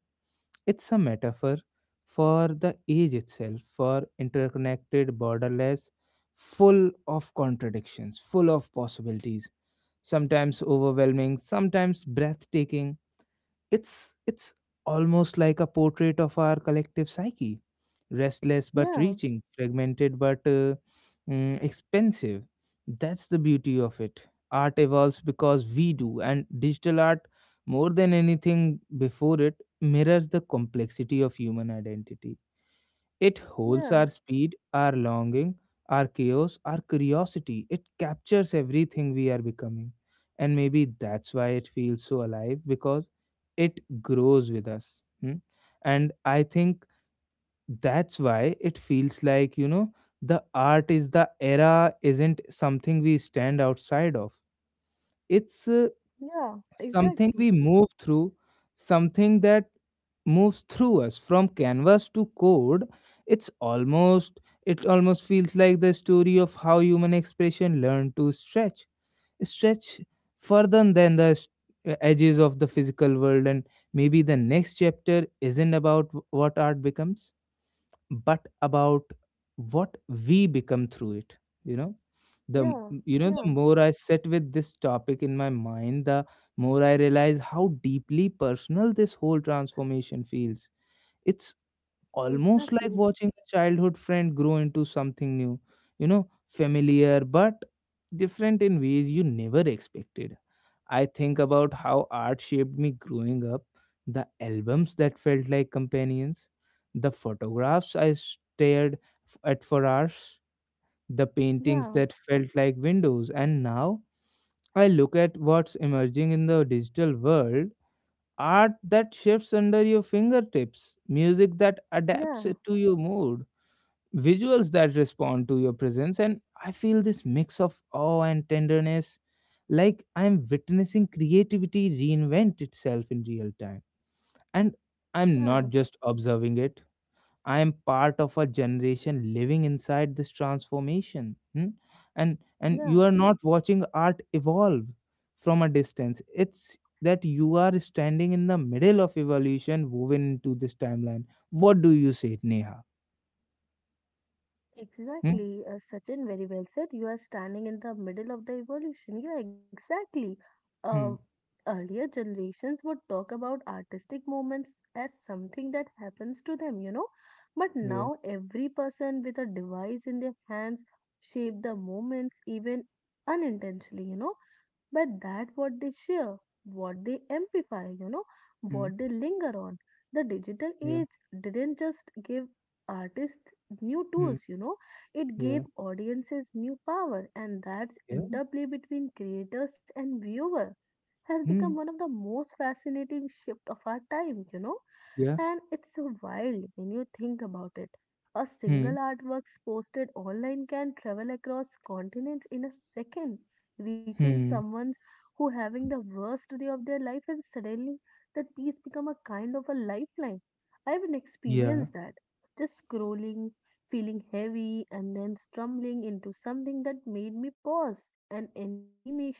S1: it's a metaphor for the age itself, for interconnected, borderless, full of contradictions, full of possibilities, sometimes overwhelming, sometimes breathtaking. It's almost like a portrait of our collective psyche, restless but
S2: Yeah,
S1: reaching, fragmented but expensive. That's the beauty of it. Art evolves because we do, and digital art, more than anything before it, mirrors the complexity of human identity. It holds our
S2: yeah,
S1: speed, our longing, our chaos, our curiosity. It captures everything we are becoming. And maybe that's why it feels so alive because it grows with us. Hmm? And I think that's why it feels like, the art is the era isn't something we stand outside of. It's
S2: yeah,
S1: Something
S2: exactly.
S1: we move through, something that moves through us from canvas to code. It's almost it almost feels like the story of how human expression learned to stretch, stretch further than the edges of the physical world, and maybe the next chapter isn't about what art becomes, but about what we become through it. You know the m-
S2: Yeah,
S1: you know, the
S2: yeah,
S1: more I sit with this topic in my mind, the more I realize how deeply personal this whole transformation feels. It's almost like
S2: exactly.
S1: watching a childhood friend grow into something new, you know, familiar but different in ways you never expected. I think about how art shaped me growing up, the albums that felt like companions, the photographs I stared at for hours, the paintings
S2: Yeah,
S1: that felt like windows. And now I look at what's emerging in the digital world, art that shifts under your fingertips, music that adapts
S2: yeah,
S1: it to your mood, visuals that respond to your presence. And I feel this mix of awe and tenderness, like I'm witnessing creativity reinvent itself in real time. And I'm
S2: yeah,
S1: not just observing it. I am part of a generation living inside this transformation. Hmm? And
S2: yeah.
S1: you are not watching art evolve from a distance. It's that you are standing in the middle of evolution woven into this timeline. What do you say, Neha? Hmm?
S2: Exactly, Sachin, very well said. You are standing in the middle of the evolution. Yeah, exactly. Uh,
S1: Hmm.
S2: earlier generations would talk about artistic moments as something that happens to them, you know. But
S1: Yeah.
S2: now every person with a device in their hands shape the moments even unintentionally, you know. But that what they share, what they amplify, you know,
S1: Hmm.
S2: what they linger on. The digital
S1: Yeah.
S2: age didn't just give artists new
S1: Hmm.
S2: tools, you know. It gave
S1: Yeah.
S2: audiences new power, and that's
S1: Yeah.
S2: interplay between creators and viewer has become
S1: Hmm.
S2: one of the most fascinating shift of our time, you know.
S1: Yeah.
S2: And it's so wild when you think about it. A single
S1: Hmm.
S2: artwork posted online can travel across continents in a second, reaching
S1: Hmm.
S2: someone who having the worst day of their life and suddenly that piece become a kind of a lifeline. I haven't
S1: Yeah.
S2: experienced that. Just scrolling, feeling heavy and then stumbling into something that made me pause. An animation,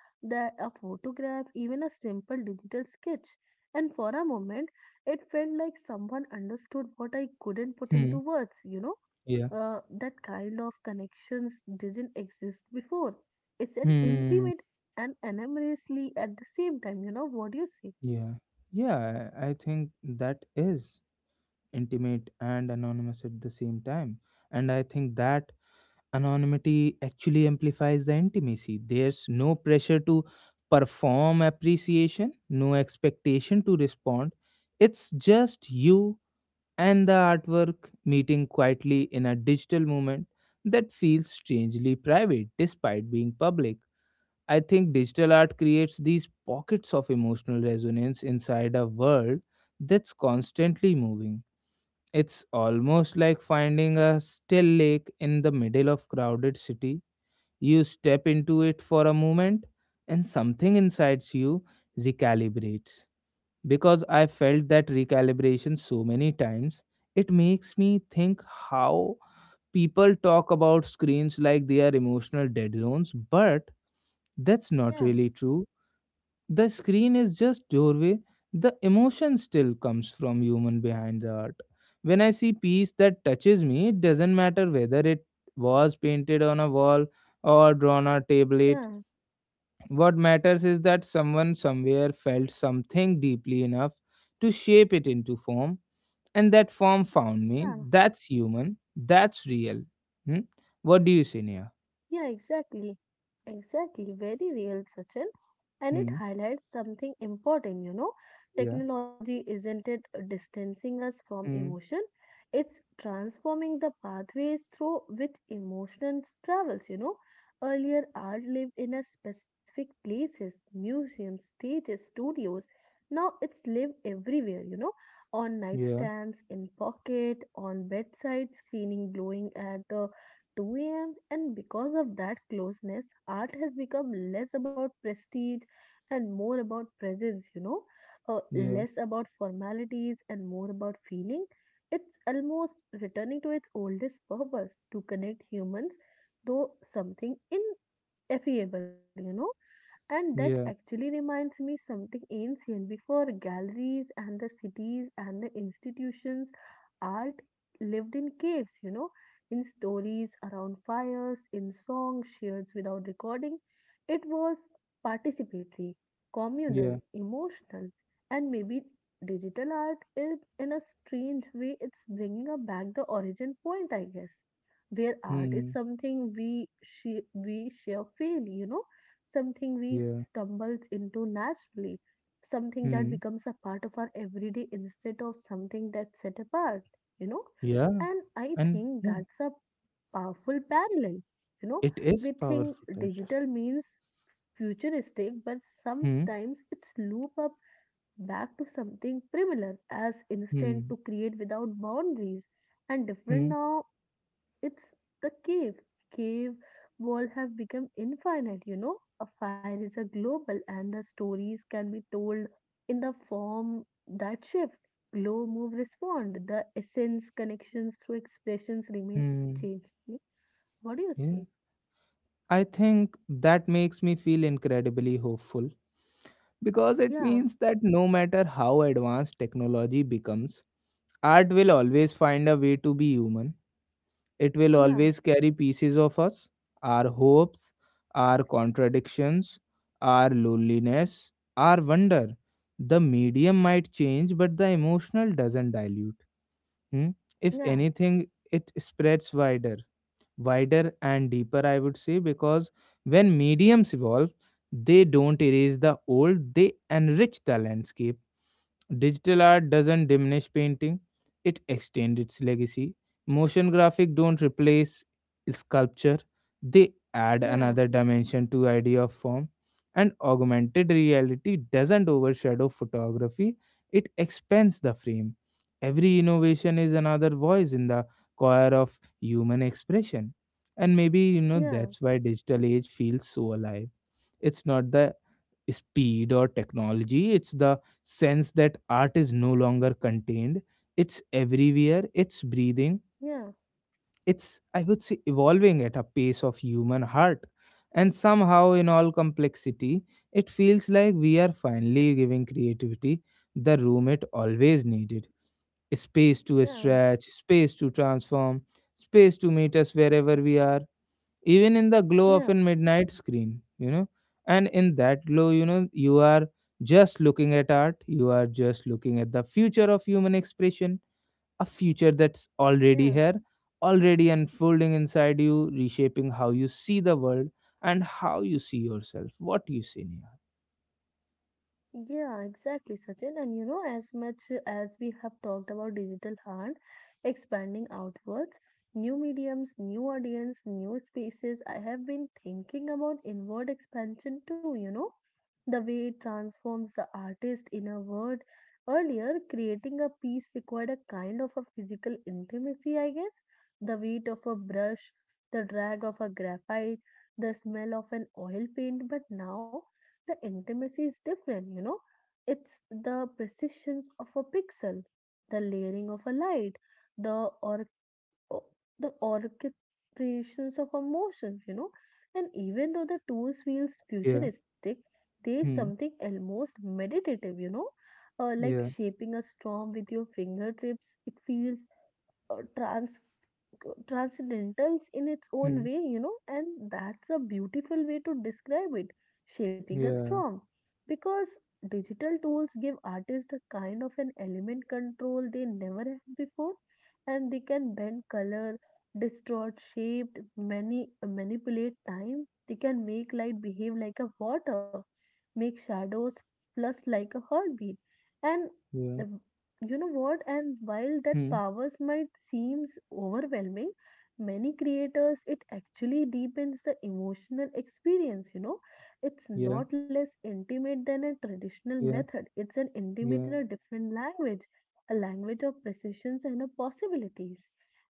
S2: that a photograph, even a simple digital sketch. And for a moment it felt like someone understood what I couldn't put
S1: Hmm.
S2: into words, you know?
S1: Yeah.
S2: That kind of connections didn't exist before. It's an
S1: Hmm.
S2: intimate and anonymously at the same time, you know? What do you say?
S1: Yeah. Yeah. I think that is intimate and anonymous at the same time, and I think that anonymity actually amplifies the intimacy. There's no pressure to perform appreciation, no expectation to respond. It's just you and the artwork meeting quietly in a digital moment that feels strangely private despite being public. I think digital art creates these pockets of emotional resonance inside a world that's constantly moving. It's almost like finding a still lake in the middle of crowded city. You step into it for a moment and something inside you recalibrates. Because I felt that recalibration so many times, it makes me think how people talk about screens like they are emotional dead zones, but that's not
S2: Yeah,
S1: really true. The screen is just doorway, the emotion still comes from human behind the art. When I see piece that touches me, it doesn't matter whether it was painted on a wall or drawn on a tablet.
S2: Yeah,
S1: What matters is that someone somewhere felt something deeply enough to shape it into form, and that form found me.
S2: yeah.
S1: That's human, that's real. Hmm? What do you say, Nia?
S2: Yeah, exactly. Exactly. Very real, Sachin. And it
S1: Hmm?
S2: highlights something important, you know.
S1: Yeah
S2: Technology isn't it distancing us from
S1: Hmm?
S2: emotion, it's transforming the pathways through which emotions travels, you know. Earlier, art lived in a specific places, museums, stages, studios. Now it's live everywhere, you know, on
S1: Yeah.
S2: nightstands, in pocket, on bedside, screening glowing at the 2 a.m. And because of that closeness, art has become less about prestige and more about presence, you know,
S1: Yeah.
S2: less about formalities and more about feeling. It's almost returning to its oldest purpose to connect humans, though something ineffable, you know. And that
S1: Yeah.
S2: actually reminds me something ancient before galleries and the cities and the institutions, art lived in caves, you know, in stories around fires, in songs shared without recording. It was participatory,
S1: Yeah.
S2: communal, emotional, and maybe digital art is, in a strange way, it's bringing up back the origin point, I guess, where art is
S1: hmm.
S2: something we share feel, you know, something we
S1: Yeah.
S2: stumble into naturally, something that
S1: Hmm.
S2: becomes a part of our everyday instead of something that's set apart, you know.
S1: Yeah.
S2: And I
S1: And
S2: think
S1: yeah,
S2: that's a powerful parallel. You
S1: it
S2: know,
S1: is
S2: we
S1: powerful
S2: think
S1: pressure.
S2: digital means futuristic, but
S1: Hmm.
S2: sometimes it's loop up back to something primitive as instant
S1: Hmm.
S2: to create without boundaries and different
S1: Hmm.
S2: now it's the cave. Cave wall have become infinite, you know. A fire is a global and the stories can be told in the form that shift. Glow, move, respond. The essence connections through expressions remain
S1: Hmm.
S2: unchanged. What do you
S1: Yeah.
S2: say?
S1: I think that makes me feel incredibly hopeful because it
S2: Yeah,
S1: means that no matter how advanced technology becomes, art will always find a way to be human. It will
S2: yeah,
S1: always carry pieces of us, our hopes, our contradictions, our loneliness, our wonder. The medium might change, but the emotional doesn't dilute. Hmm? If
S2: yeah,
S1: anything, it spreads wider, wider and deeper, I would say, because when mediums evolve, they don't erase the old, they enrich the landscape. Digital art doesn't diminish painting, it extends its legacy. Motion graphic don't replace sculpture, they add
S2: yeah,
S1: another dimension to idea of form. And augmented reality doesn't overshadow photography, it expands the frame. Every innovation is another voice in the choir of human expression. And maybe, you know,
S2: yeah,
S1: that's why digital age feels so alive. It's not the speed or technology. It's the sense that art is no longer contained. It's everywhere, it's breathing,
S2: yeah,
S1: it's, I would say, evolving at a pace of human heart. And somehow, in all complexity, it feels like we are finally giving creativity the room it always needed, space to
S2: yeah,
S1: stretch, space to transform, space to meet us wherever we are, even in the glow of a
S2: yeah,
S1: midnight screen. You know and in that glow, you know, you are just looking at art, you are just looking at the future of human expression, a future that's already
S2: yeah.
S1: here, already unfolding inside you, reshaping how you see the world and how you see yourself. What do you see, Neha?
S2: Yeah, exactly, Sachin. And you know, as much as we have talked about digital art expanding outwards, new mediums, new audience, new spaces, I have been thinking about inward expansion too, you know, the way it transforms the artist in a word. Earlier, creating a piece required a kind of a physical intimacy, I guess, the weight of a brush, the drag of a graphite, the smell of an oil paint, but now the intimacy is different, you know. It's the precisions of a pixel, the layering of a light, the or o- the orchestrations of emotions, you know. And even though the tools feels
S1: Yeah.
S2: futuristic, there is
S1: hmm.
S2: something almost meditative, you know. Like
S1: yeah
S2: shaping a storm with your fingertips, it feels uh, trans transcendentals in its own
S1: hmm.
S2: way, you know, and that's a beautiful way to describe it, shaping a
S1: yeah
S2: storm. Because digital tools give artists a kind of an element control they never had before, and they can bend color, distort shape, many manipulate time. They can make light behave like a water, make shadows plus like a heartbeat, and
S1: yeah
S2: you know what, and while that
S1: hmm.
S2: powers might seems overwhelming many creators it actually deepens the emotional experience, you know, it's
S1: Yeah.
S2: not less intimate than a traditional
S1: Yeah.
S2: method, it's an
S1: Yeah.
S2: intimate in a different language, a language of precisions and of possibilities.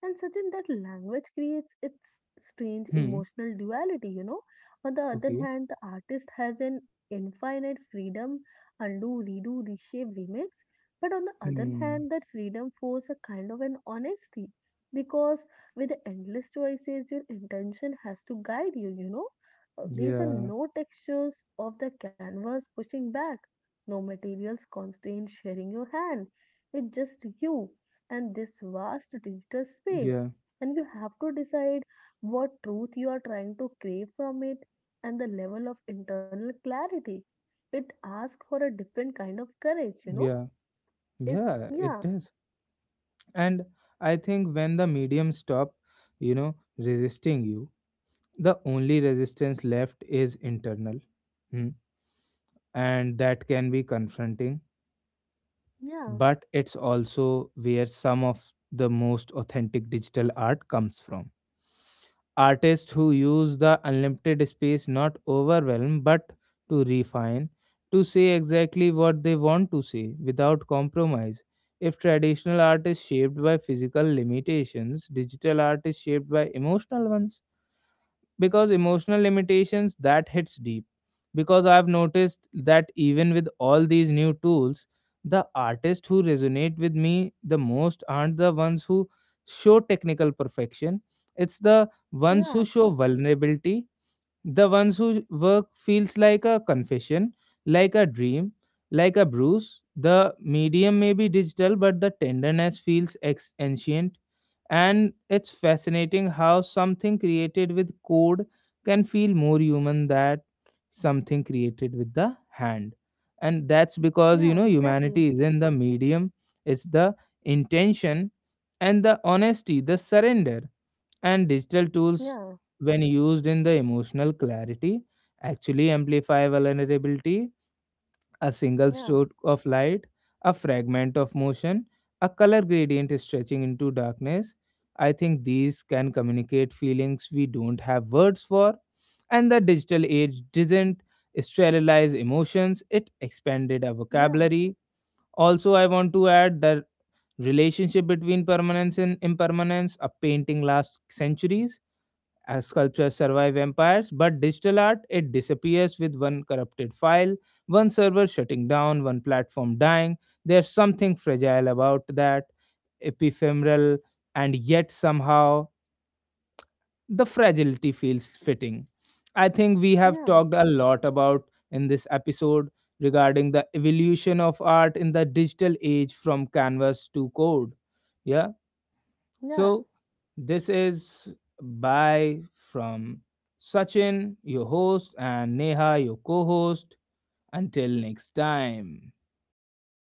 S2: And such in that language creates its strange
S1: hmm.
S2: emotional duality, you know, on the other
S1: Okay.
S2: hand the artist has an infinite freedom, undo redo reshape remix, but on the other
S1: hmm.
S2: hand, that freedom forces a kind of an honesty because with the endless choices, your intention has to guide you, you know. These are
S1: Yeah.
S2: no textures of the canvas pushing back, no materials constraint sharing your hand. It's just you and this vast digital space.
S1: Yeah.
S2: And you have to decide what truth you are trying to crave from it and the level of internal clarity. It asks for a different kind of courage, you know
S1: Yeah.
S2: it's
S1: Yeah, it
S2: yeah,
S1: does. And I think when the medium stop, you know, resisting you, the only resistance left is internal. Hmm. And that can be confronting,
S2: yeah,
S1: but it's also where some of the most authentic digital art comes from. Artists who use the unlimited space not overwhelm but to refine, to say exactly what they want to say without compromise. If traditional art is shaped by physical limitations, digital art is shaped by emotional ones, because emotional limitations that hits deep. Because I've noticed that even with all these new tools, the artists who resonate with me the most aren't the ones who show technical perfection, it's the ones who
S2: yeah,
S1: show vulnerability, the ones whose work feels like a confession, like a dream, like a bruise. The medium may be digital, but the tenderness feels ancient. And it's fascinating how something created with code can feel more human than something created with the hand. And that's because,
S2: yeah,
S1: you know,
S2: exactly.
S1: humanity is in the medium, it's the intention and the honesty, the surrender. And digital tools,
S2: Yeah,
S1: when used in the emotional clarity, actually amplify vulnerability. A single
S2: yeah,
S1: stroke of light, a fragment of motion, a color gradient stretching into darkness, I think these can communicate feelings we don't have words for. And the digital age didn't sterilize emotions, it expanded our
S2: yeah,
S1: vocabulary. Also I want to add the relationship between permanence and impermanence. A painting lasts centuries, as sculptures survive empires, but digital art, it disappears with one corrupted file, one server shutting down, one platform dying. There's something fragile about that, epiphemeral, and yet somehow the fragility feels fitting. I think we have
S2: yeah,
S1: talked a lot about in this episode regarding the evolution of art in the digital age from canvas to code. Yeah.
S2: yeah.
S1: So, this is bye from Sachin, your host, and Neha, your co host. Until next time.